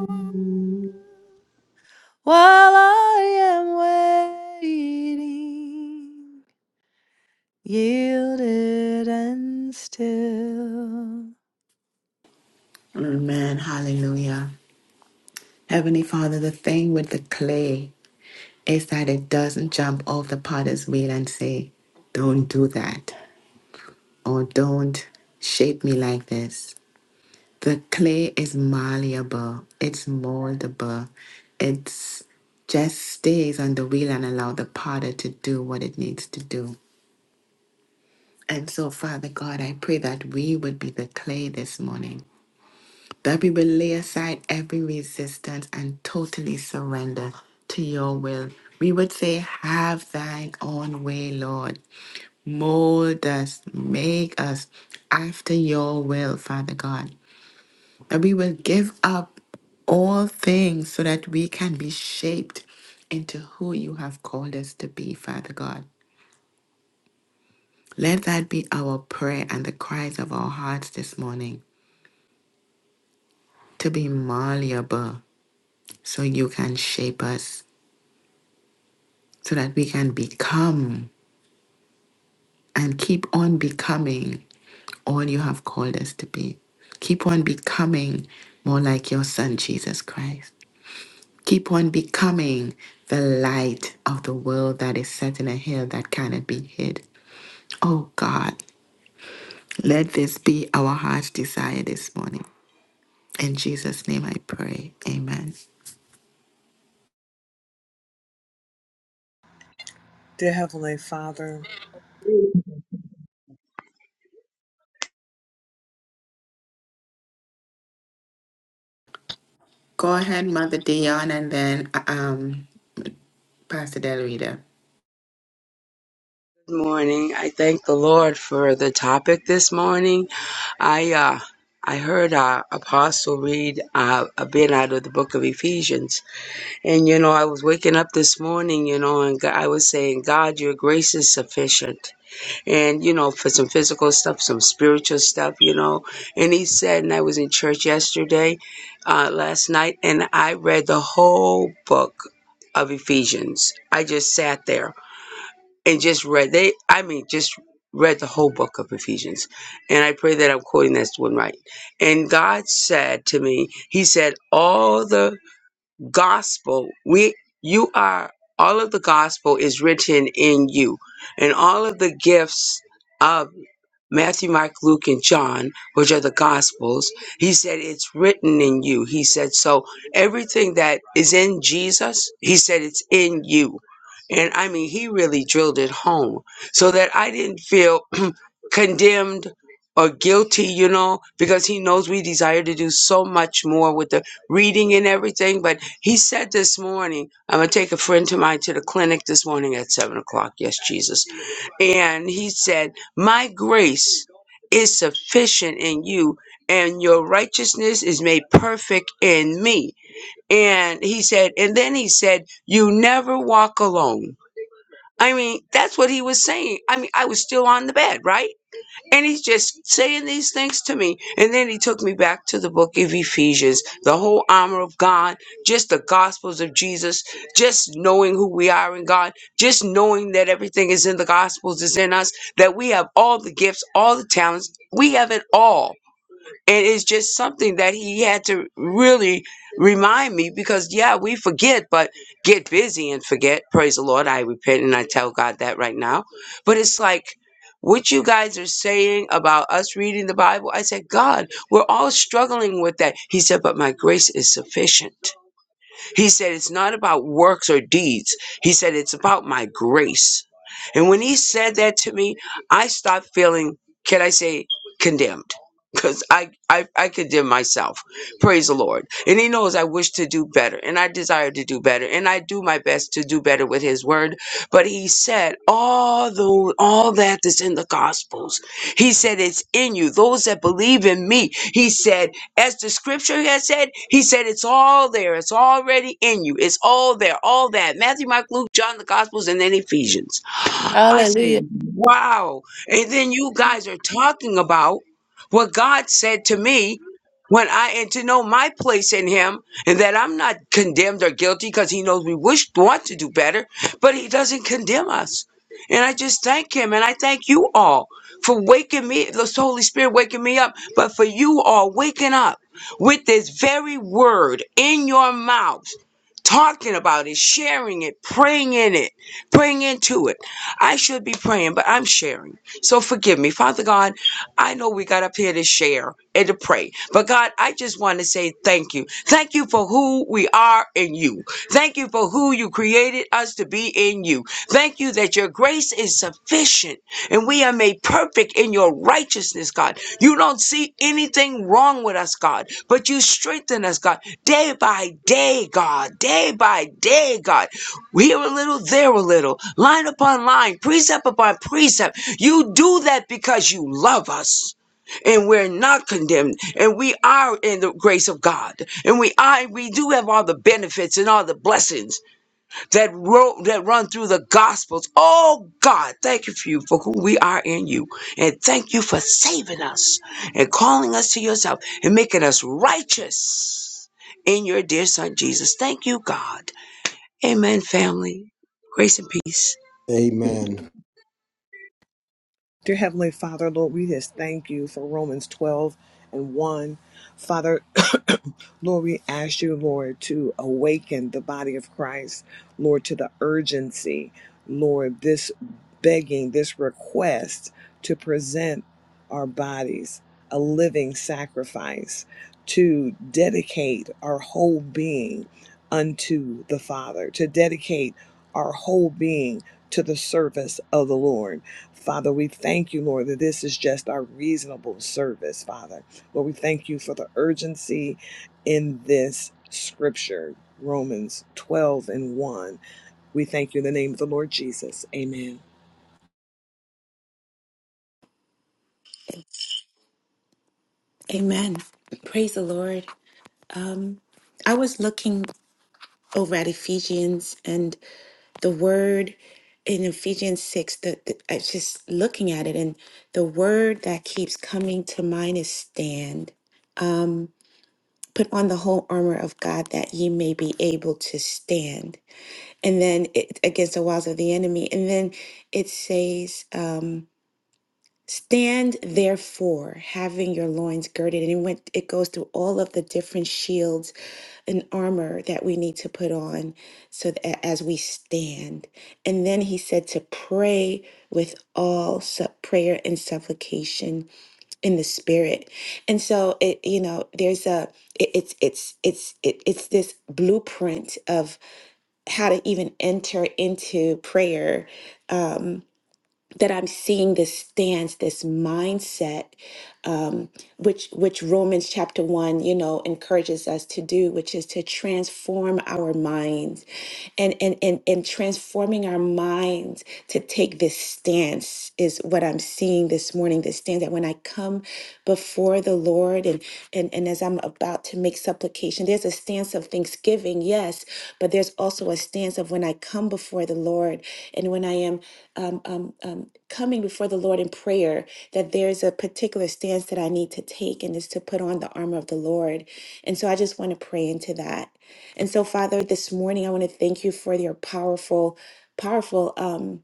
[SPEAKER 5] While I am waiting, yielded and still.
[SPEAKER 1] Amen. Hallelujah. Heavenly Father, the thing with the clay is that it doesn't jump off the potter's wheel and say, Don't do that, or don't shape me like this. The clay is malleable, it's moldable, it's just stays on the wheel and allow the potter to do what it needs to do. And so, Father God, I pray that we would be the clay this morning that we will lay aside every resistance and totally surrender to your will. We would say, Have thine own way, Lord. Mold us, make us after your will, Father God. That we will give up all things so that we can be shaped into who you have called us to be, Father God. Let that be our prayer and the cries of our hearts this morning to be malleable so you can shape us so that we can become and keep on becoming all you have called us to be. Keep on becoming more like your Son, Jesus Christ. Keep on becoming the light of the world that is set in a hill that cannot be hid. Oh God, let this be our heart's desire this morning. In Jesus' name I pray. Amen.
[SPEAKER 4] Dear Heavenly Father,
[SPEAKER 1] Go ahead, Mother Dion, and then uh, um, Pastor Del Rita.
[SPEAKER 7] Good morning. I thank the Lord for the topic this morning. I uh, I heard uh, Apostle read uh, a bit out of the book of Ephesians, and you know I was waking up this morning, you know, and God, I was saying, God, Your grace is sufficient, and you know for some physical stuff, some spiritual stuff, you know. And He said, and I was in church yesterday, uh, last night, and I read the whole book of Ephesians. I just sat there and just read they i mean just read the whole book of ephesians and i pray that i'm quoting this one right and god said to me he said all the gospel we you are all of the gospel is written in you and all of the gifts of Matthew, Mark, Luke, and John, which are the Gospels, he said, It's written in you. He said, So everything that is in Jesus, he said, It's in you. And I mean, he really drilled it home so that I didn't feel (clears throat) condemned or guilty, you know, because he knows we desire to do so much more with the reading and everything. But he said this morning, I'm going to take a friend to mine to the clinic this morning at seven o'clock. Yes, Jesus. And he said, my grace is sufficient in you, and your righteousness is made perfect in me. And he said, and then he said, You never walk alone. I mean, that's what he was saying. I mean, I was still on the bed, right? And he's just saying these things to me. And then he took me back to the book of Ephesians, the whole armor of God, just the gospels of Jesus, just knowing who we are in God, just knowing that everything is in the gospels is in us, that we have all the gifts, all the talents. We have it all. And it's just something that he had to really remind me because, yeah, we forget, but get busy and forget. Praise the Lord. I repent and I tell God that right now. But it's like, what you guys are saying about us reading the Bible, I said, God, we're all struggling with that. He said, but my grace is sufficient. He said, It's not about works or deeds. He said, It's about my grace. And when he said that to me, I stopped feeling, can I say, condemned. Because I, I, I condemn myself. Praise the Lord. And he knows I wish to do better and I desire to do better. And I do my best to do better with his word. But he said, all the all that is in the gospels. He said, It's in you. Those that believe in me. He said as the scripture has said, he said it's all there. It's already in you. It's all there. All that. Matthew, Mark, Luke, John, the Gospels, and then Ephesians. I said,
[SPEAKER 5] Hallelujah.
[SPEAKER 7] wow. And then you guys are talking about what God said to me when I, and to know my place in Him and that I'm not condemned or guilty because He knows we wish, want to do better, but He doesn't condemn us. And I just thank Him and I thank you all for waking me, the Holy Spirit waking me up, but for you all waking up with this very word in your mouth, talking about it, sharing it, praying in it, praying into it. I should be praying, but I'm sharing. So forgive me. Father God, I know we got up here to share and to pray. But God, I just want to say thank you. Thank you for who we are in you. Thank you for who you created us to be in you. Thank you that your grace is sufficient and we are made perfect in your righteousness, God. You don't see anything wrong with us, God, but you strengthen us, God, day by day, God, day by day, God. We Here a little, there a little, line upon line, precept upon precept. You do that because you love us. And we're not condemned, and we are in the grace of God, and we are, we do have all the benefits and all the blessings that ro- that run through the gospels. Oh God, thank you for you for who we are in you, and thank you for saving us and calling us to yourself and making us righteous in your dear Son Jesus. Thank you, God. Amen, family. Grace and peace.
[SPEAKER 2] Amen.
[SPEAKER 4] Dear Heavenly Father, Lord, we just thank you for Romans 12 and 1. Father, (coughs) (clears throat) Lord, we ask you, Lord, to awaken the body of Christ, Lord, to the urgency, Lord, this begging, this request to present our bodies a living sacrifice, to dedicate our whole being unto the Father, to dedicate our whole being to the service of the Lord. Father, we thank you, Lord, that this is just our reasonable service, Father. Lord, we thank you for the urgency in this scripture, Romans 12 and 1. We thank you in the name of the Lord Jesus. Amen.
[SPEAKER 8] Amen. Praise the Lord. Um, I was looking over at Ephesians and the word in Ephesians 6, the, the, I was just looking at it, and the word that keeps coming to mind is stand. Um, put on the whole armor of God that ye may be able to stand. And then it, against the walls of the enemy. And then it says, um, Stand therefore, having your loins girded, and it went it goes through all of the different shields and armor that we need to put on so that as we stand. And then he said to pray with all su- prayer and supplication in the spirit. And so it you know there's a it, it's it's it's it, it's this blueprint of how to even enter into prayer um, that I'm seeing this stance, this mindset, um, which which Romans chapter one, you know, encourages us to do, which is to transform our minds and and and, and transforming our minds to take this stance is what I'm seeing this morning. This stance that when I come before the Lord and and and as I'm about to make supplication, there's a stance of thanksgiving, yes, but there's also a stance of when I come before the Lord and when I am um, um, um, coming before the Lord in prayer, that there's a particular stance that I need to take, and is to put on the armor of the Lord. And so I just want to pray into that. And so, Father, this morning I want to thank you for your powerful, powerful um,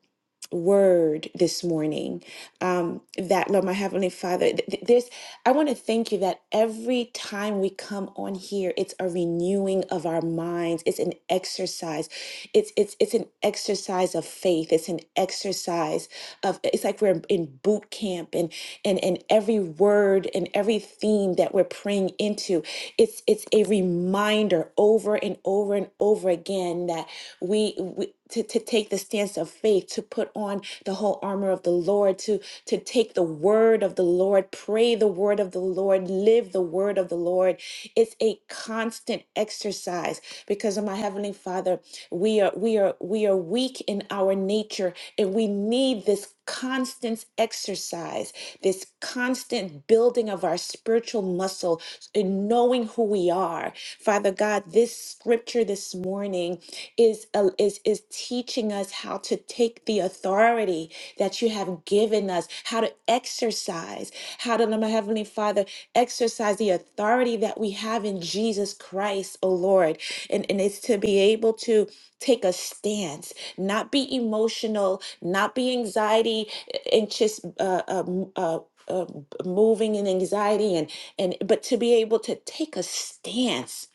[SPEAKER 8] word this morning. Um, that, Lord, my Heavenly Father, th- th- there's, I want to thank you that every time we come on here, it's a renewing of our minds. It's an exercise. It's it's it's an exercise of faith. It's an exercise of. It's like we're in boot camp, and and and every word and every theme that we're praying into. It's it's a reminder over and over and over again that we, we to, to take the stance of faith, to put on the whole armor of the Lord, to to take the word of the Lord, pray the word of the Lord, live the word of the Lord. It's a constant exercise because of my heavenly Father, we are we are we are weak in our nature and we need this constant exercise, this constant building of our spiritual muscle in knowing who we are. Father God, this scripture this morning is, uh, is, is teaching us how to take the authority that you have given us, how to exercise, how to, my Heavenly Father, exercise the authority that we have in Jesus Christ, oh Lord. And, and it's to be able to Take a stance, not be emotional, not be anxiety eh, and just uh, um, uh, uh, moving in anxiety and and but to be able to take a stance.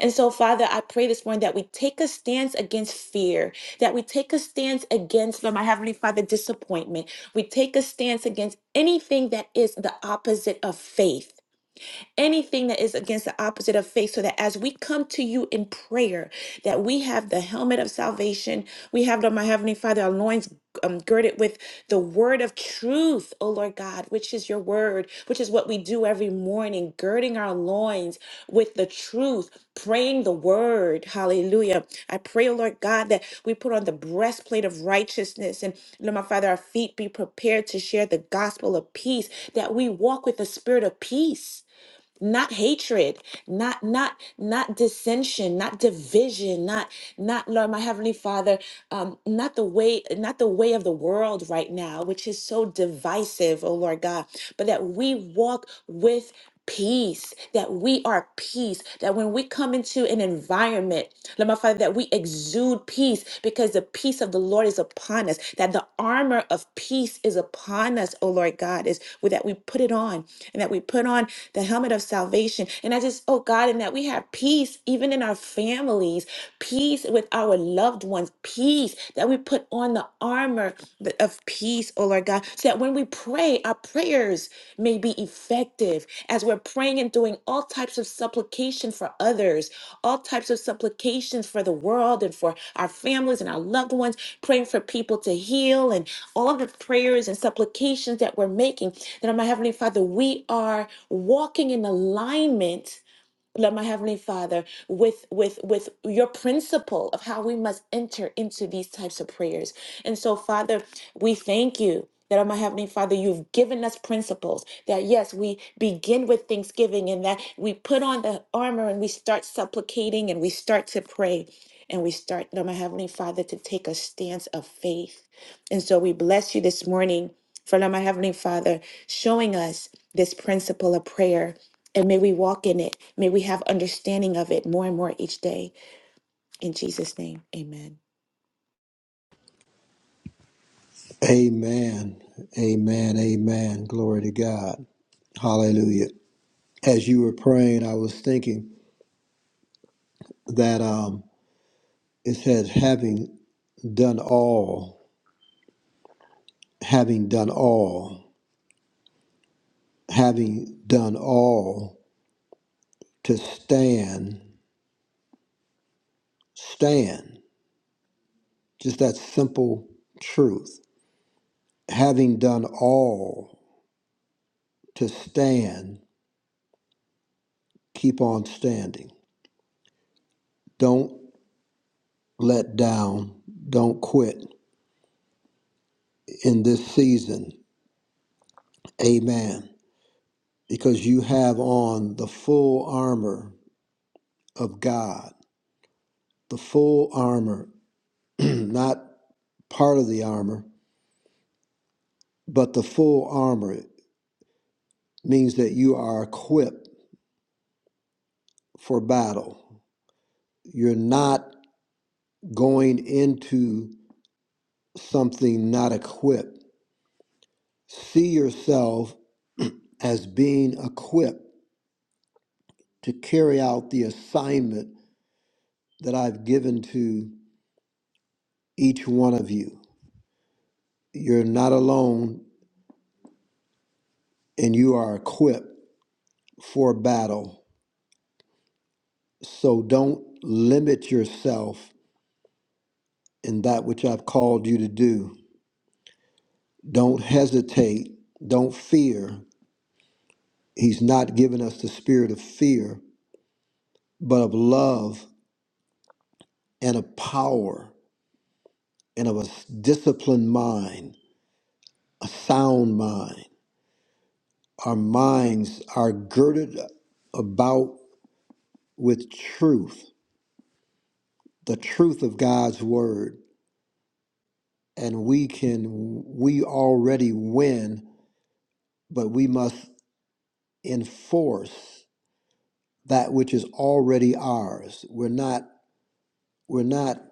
[SPEAKER 8] And so, Father, I pray this morning that we take a stance against fear, that we take a stance against, Lord, my Heavenly Father, disappointment. We take a stance against anything that is the opposite of faith anything that is against the opposite of faith so that as we come to you in prayer that we have the helmet of salvation we have the my heavenly father our loins um, girded with the word of truth O lord god which is your word which is what we do every morning girding our loins with the truth praying the word hallelujah i pray O lord god that we put on the breastplate of righteousness and Lord, my Father, our feet be prepared to share the gospel of peace, that we walk with the spirit of peace not hatred not not not dissension not division not not lord my heavenly father um not the way not the way of the world right now which is so divisive oh lord god but that we walk with peace that we are peace that when we come into an environment lord my father that we exude peace because the peace of the lord is upon us that the armor of peace is upon us oh lord god is with that we put it on and that we put on the helmet of salvation. And I just, oh God, and that we have peace even in our families, peace with our loved ones, peace that we put on the armor th- of peace, oh Lord God, so that when we pray, our prayers may be effective as we're praying and doing all types of supplication for others, all types of supplications for the world and for our families and our loved ones, praying for people to heal and all of the prayers and supplications that we're making, that my Heavenly Father, we are walking in alignment. Lord, my Heavenly Father, with with with your principle of how we must enter into these types of prayers. And so, Father, we thank you that, my Heavenly Father, you've given us principles that, yes, we begin with thanksgiving and that we put on the armor and we start supplicating and we start to pray and we start, Lord, my Heavenly Father, to take a stance of faith. And so we bless you this morning for Lord, my Heavenly Father showing us this principle of prayer. And may we walk in it. May we have understanding of it more and more each day. In Jesus' name, amen.
[SPEAKER 2] Amen. Amen. Amen. Glory to God. Hallelujah. As you were praying, I was thinking that um, it says, having done all, having done all, having done all to stand, stand. Just that simple truth. Having done all to stand, keep on standing. Don't let down. Don't quit in this season Amen. Because you have on the full armor of God, the full armor, (clears throat) not part of the armor, but the full armor means that you are equipped for battle. You're not going into something not equipped. See yourself as being equipped to carry out the assignment that I've given to each one of you. You're not alone and you are equipped for battle. So don't limit yourself in that which I've called you to do. Don't hesitate. Don't fear. He's not given us the spirit of fear, but of love and of power and of a s- disciplined mind, a sound mind. Our minds are girded about with truth, the truth of God's word and we can we already win but we must enforce that which is already ours we're not we're not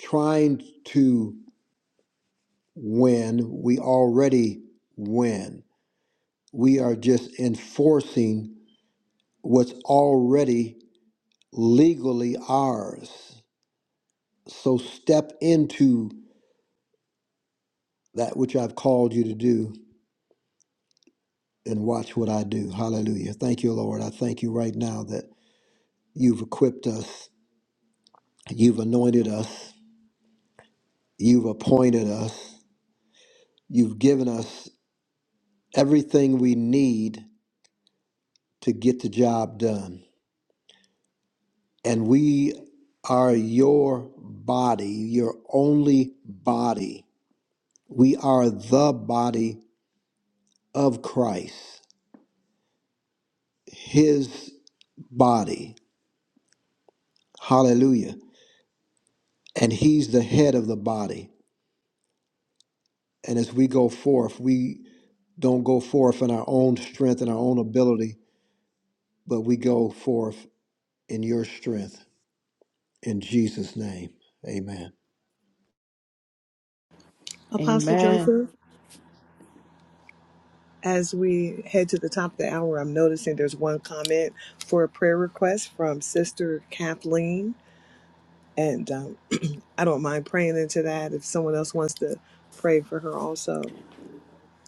[SPEAKER 2] trying to win we already win we are just enforcing what's already legally ours so step into that which I've called you to do and watch what I do hallelujah thank you lord i thank you right now that You've equipped us, you've anointed us, you've appointed us, you've given us everything we need to get the job done. And we are your body, your only body. We are the body of Christ, his body. Hallelujah. And he's the head of the body. And as we go forth, we don't go forth in our own strength and our own ability but we go forth in your strength in Jesus' name. Amen.
[SPEAKER 4] Apostle
[SPEAKER 1] Amen.
[SPEAKER 4] Joseph, as we head to the top of the hour, I'm noticing there's one comment for a prayer request from Sister Kathleen. And um, I don't mind praying into that if someone else wants to pray for her also,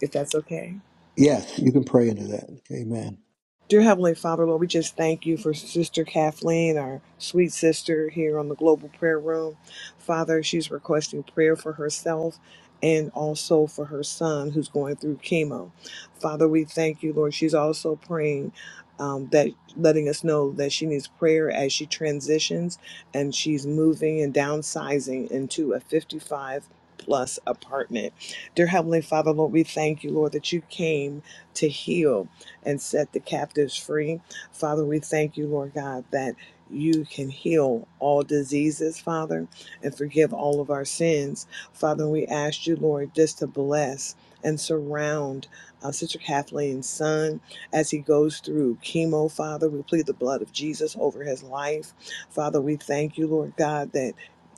[SPEAKER 4] if that's okay.
[SPEAKER 2] Yes, you can pray into that. Amen.
[SPEAKER 4] Dear Heavenly Father, Lord, we just thank you for Sister Kathleen, our sweet sister here on the Global Prayer Room. Father, she's requesting prayer for herself and also for her son who's going through chemo. Father, we thank you, Lord. She's also praying um, that letting us know that she needs prayer as she transitions and she's moving and downsizing into a 55 plus apartment. Dear Heavenly Father, Lord, we thank you, Lord, that you came to heal and set the captives free. Father, we thank you, Lord God, that you can heal all diseases, Father, and forgive all of our sins. Father, we ask you, Lord, just to bless and surround uh, Sister Kathleen's son as he goes through chemo, Father. We plead the blood of Jesus over his life. Father, we thank you, Lord God, that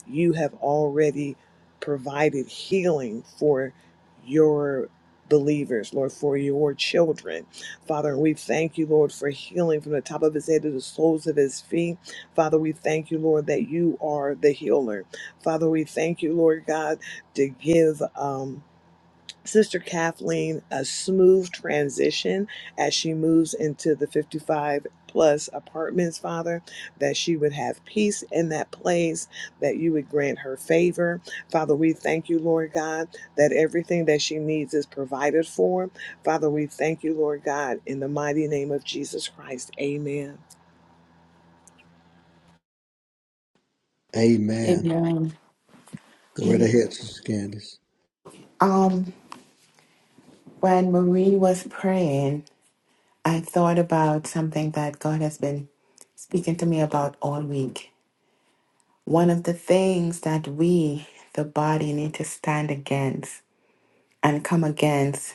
[SPEAKER 4] you have already provided healing for your believers, Lord, for your children. Father, we thank you, Lord, for healing from the top of his head to the soles of his feet. Father, we thank you, Lord, that you are the healer. Father, we thank you, Lord God, to give um, Sister Kathleen a smooth transition as she moves into the 55 plus apartments, Father, that she would have peace in that place, that you would grant her favor. Father, we thank you, Lord God, that everything that she needs is provided for. Father, we thank you, Lord God, in the mighty name of Jesus Christ. Amen.
[SPEAKER 2] Amen.
[SPEAKER 1] Amen.
[SPEAKER 2] Go right ahead, Sister Candace.
[SPEAKER 1] Amen. When Marie was praying, I thought about something that God has been speaking to me about all week. One of the things that we, the body, need to stand against and come against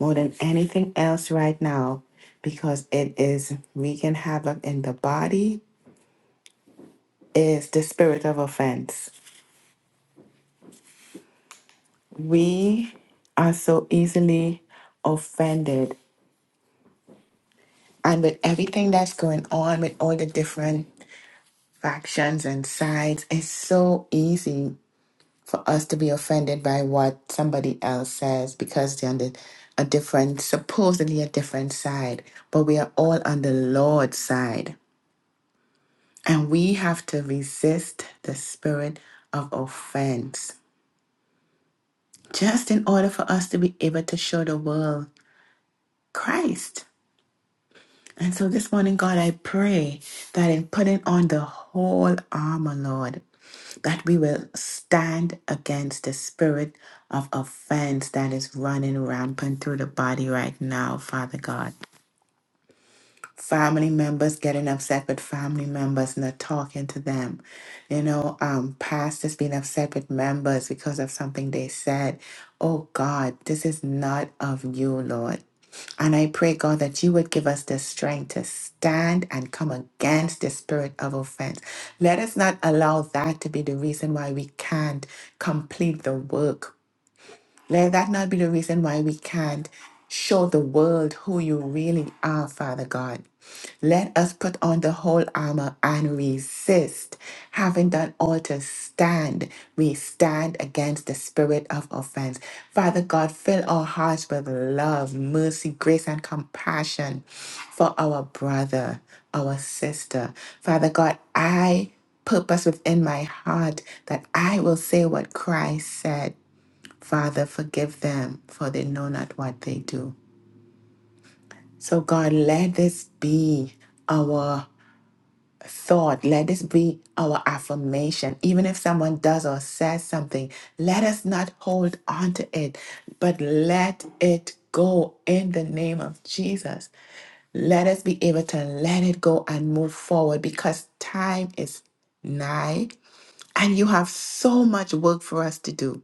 [SPEAKER 1] more than anything else right now, because it is wreaking havoc in the body, is the spirit of offense. We are so easily offended. And with everything that's going on, with all the different factions and sides. It's so easy for us to be offended by what somebody else says because they're on the, a different, supposedly a different side. But we are all on the Lord's side. And we have to resist the spirit of offense just in order for us to be able to show the world Christ. And so this morning, God, I pray that in putting on the whole armor, Lord, that we will stand against the spirit of offense that is running rampant through the body right now, Father God family members getting upset with family members not talking to them you know um pastors being upset with members because of something they said oh god this is not of you lord and I pray, God, that you would give us the strength to stand and come against the spirit of offense. Let us not allow that to be the reason why we can't complete the work let that not be the reason why we can't show the world who you really are, Father God. Let us put on the whole armor and resist. Having done all to stand, we stand against the spirit of offense. Father God, fill our hearts with love, mercy, grace, and compassion for our brother, our sister. Father God, I purpose within my heart that I will say what Christ said. Father, forgive them, for they know not what they do. So, God, let this be our thought. Let this be our affirmation. Even if someone does or says something, let us not hold on to it, but let it go in the name of Jesus. Let us be able to let it go and move forward because time is nigh and you have so much work for us to do.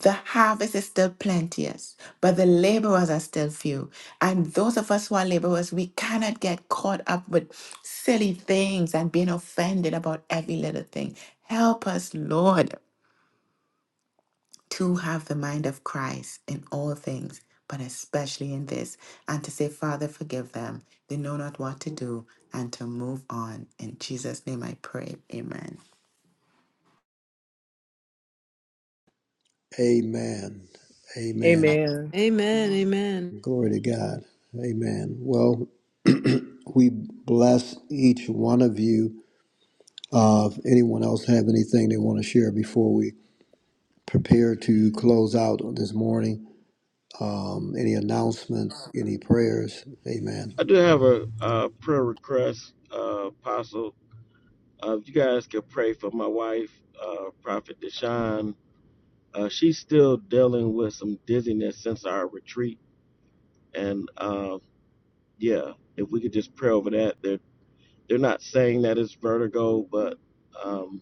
[SPEAKER 1] The harvest is still plenteous, but the laborers are still few. And those of us who are laborers, we cannot get caught up with silly things and being offended about every little thing. Help us, Lord, to have the mind of Christ in all things, but especially in this, and to say, Father, forgive them. They know not what to do, and to move on. In Jesus' name I pray. Amen.
[SPEAKER 2] Amen. Amen.
[SPEAKER 4] Amen.
[SPEAKER 5] Amen.
[SPEAKER 8] Amen.
[SPEAKER 5] Amen.
[SPEAKER 2] Glory to God. Amen. Well, we bless each one of you. Uh, if anyone else have anything they want to share before we prepare to close out this morning, um, any announcements, any prayers? Amen.
[SPEAKER 3] I do have a uh, prayer request, uh, Apostle. Uh, if you guys could pray for my wife, uh, Prophet Deshawn. Uh, she's still dealing with some dizziness since our retreat. And uh, yeah, if we could just pray over that. there. They're not saying that it's vertigo, but um,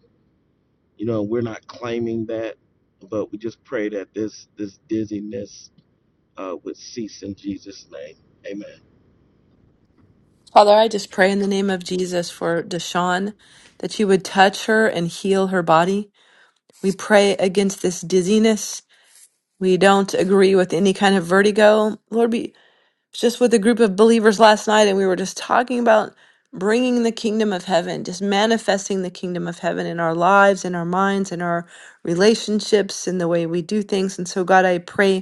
[SPEAKER 3] you know, we're not claiming that. But we just pray that this this dizziness uh, would cease in Jesus' name. Amen.
[SPEAKER 5] Father, I just pray in the name of Jesus for Deshawn that you would touch her and heal her body. We pray against this dizziness. We don't agree with any kind of vertigo. Lord, we was just with a group of believers last night and we were just talking about bringing the kingdom of heaven, just manifesting the kingdom of heaven in our lives, in our minds, in our relationships, in the way we do things. And so, God, I pray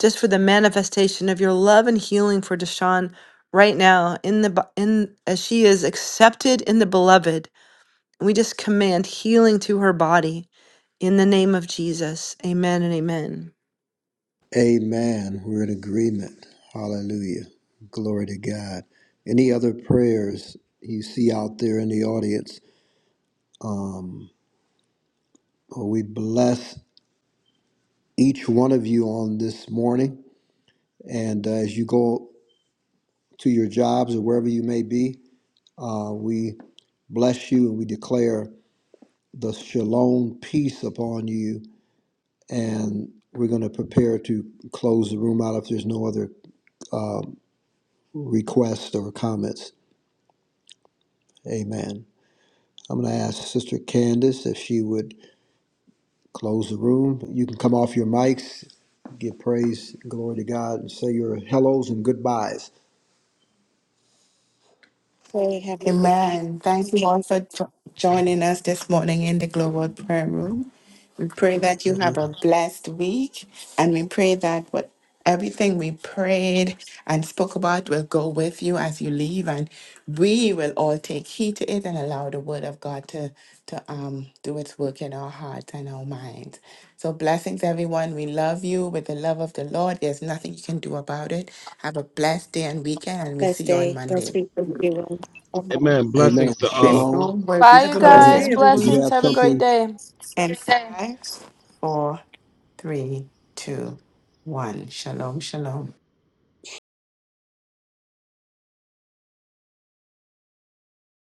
[SPEAKER 5] just for the manifestation of your love and healing for Deshawn right now in the bo- in as she is accepted in the beloved. And we just command healing to her body in the name of Jesus. Amen and amen.
[SPEAKER 2] Amen. We're in agreement. Hallelujah. Glory to God. Any other prayers you see out there in the audience? Um, well, we bless each one of you on this morning. And uh, as you go to your jobs or wherever you may be, uh, we bless you and we declare the shalom peace upon you. And we're going to prepare to close the room out if there's no other requests or comments. Amen. I'm going to ask Sister Candace if she would close the room. You can come off your mics, give praise, glory to God, and say your hellos and goodbyes.
[SPEAKER 8] Pray, Heavenly Father.
[SPEAKER 1] Amen. Thank you all for jo- joining us this morning in the Global Prayer Room. We pray that you
[SPEAKER 2] Amen.
[SPEAKER 1] have a blessed week, and we pray that what everything we prayed and spoke about will go with you as you leave, and we will all take heed to it and allow the Word of God to to um do its work in our hearts and our minds. So blessings, everyone. We love you with the love of the Lord. There's nothing you can do about it. Have a blessed day and weekend, and we'll see
[SPEAKER 8] Blessed
[SPEAKER 1] you on
[SPEAKER 8] day, blessed
[SPEAKER 1] Monday.
[SPEAKER 8] week, everyone. Amen.
[SPEAKER 3] Amen.
[SPEAKER 2] Amen.
[SPEAKER 3] Blessings to all.
[SPEAKER 1] This
[SPEAKER 2] Shalom.
[SPEAKER 1] room will be
[SPEAKER 5] Bye,
[SPEAKER 4] Have
[SPEAKER 5] you
[SPEAKER 4] a
[SPEAKER 2] Go
[SPEAKER 4] blessed
[SPEAKER 2] ahead.
[SPEAKER 5] guys.
[SPEAKER 4] day,
[SPEAKER 1] closing
[SPEAKER 2] Did
[SPEAKER 4] everyone.
[SPEAKER 2] you
[SPEAKER 5] Blessings.
[SPEAKER 2] have
[SPEAKER 5] Have a great
[SPEAKER 2] something?
[SPEAKER 5] day.
[SPEAKER 1] in five, four, three, two, one. Shalom, shalom.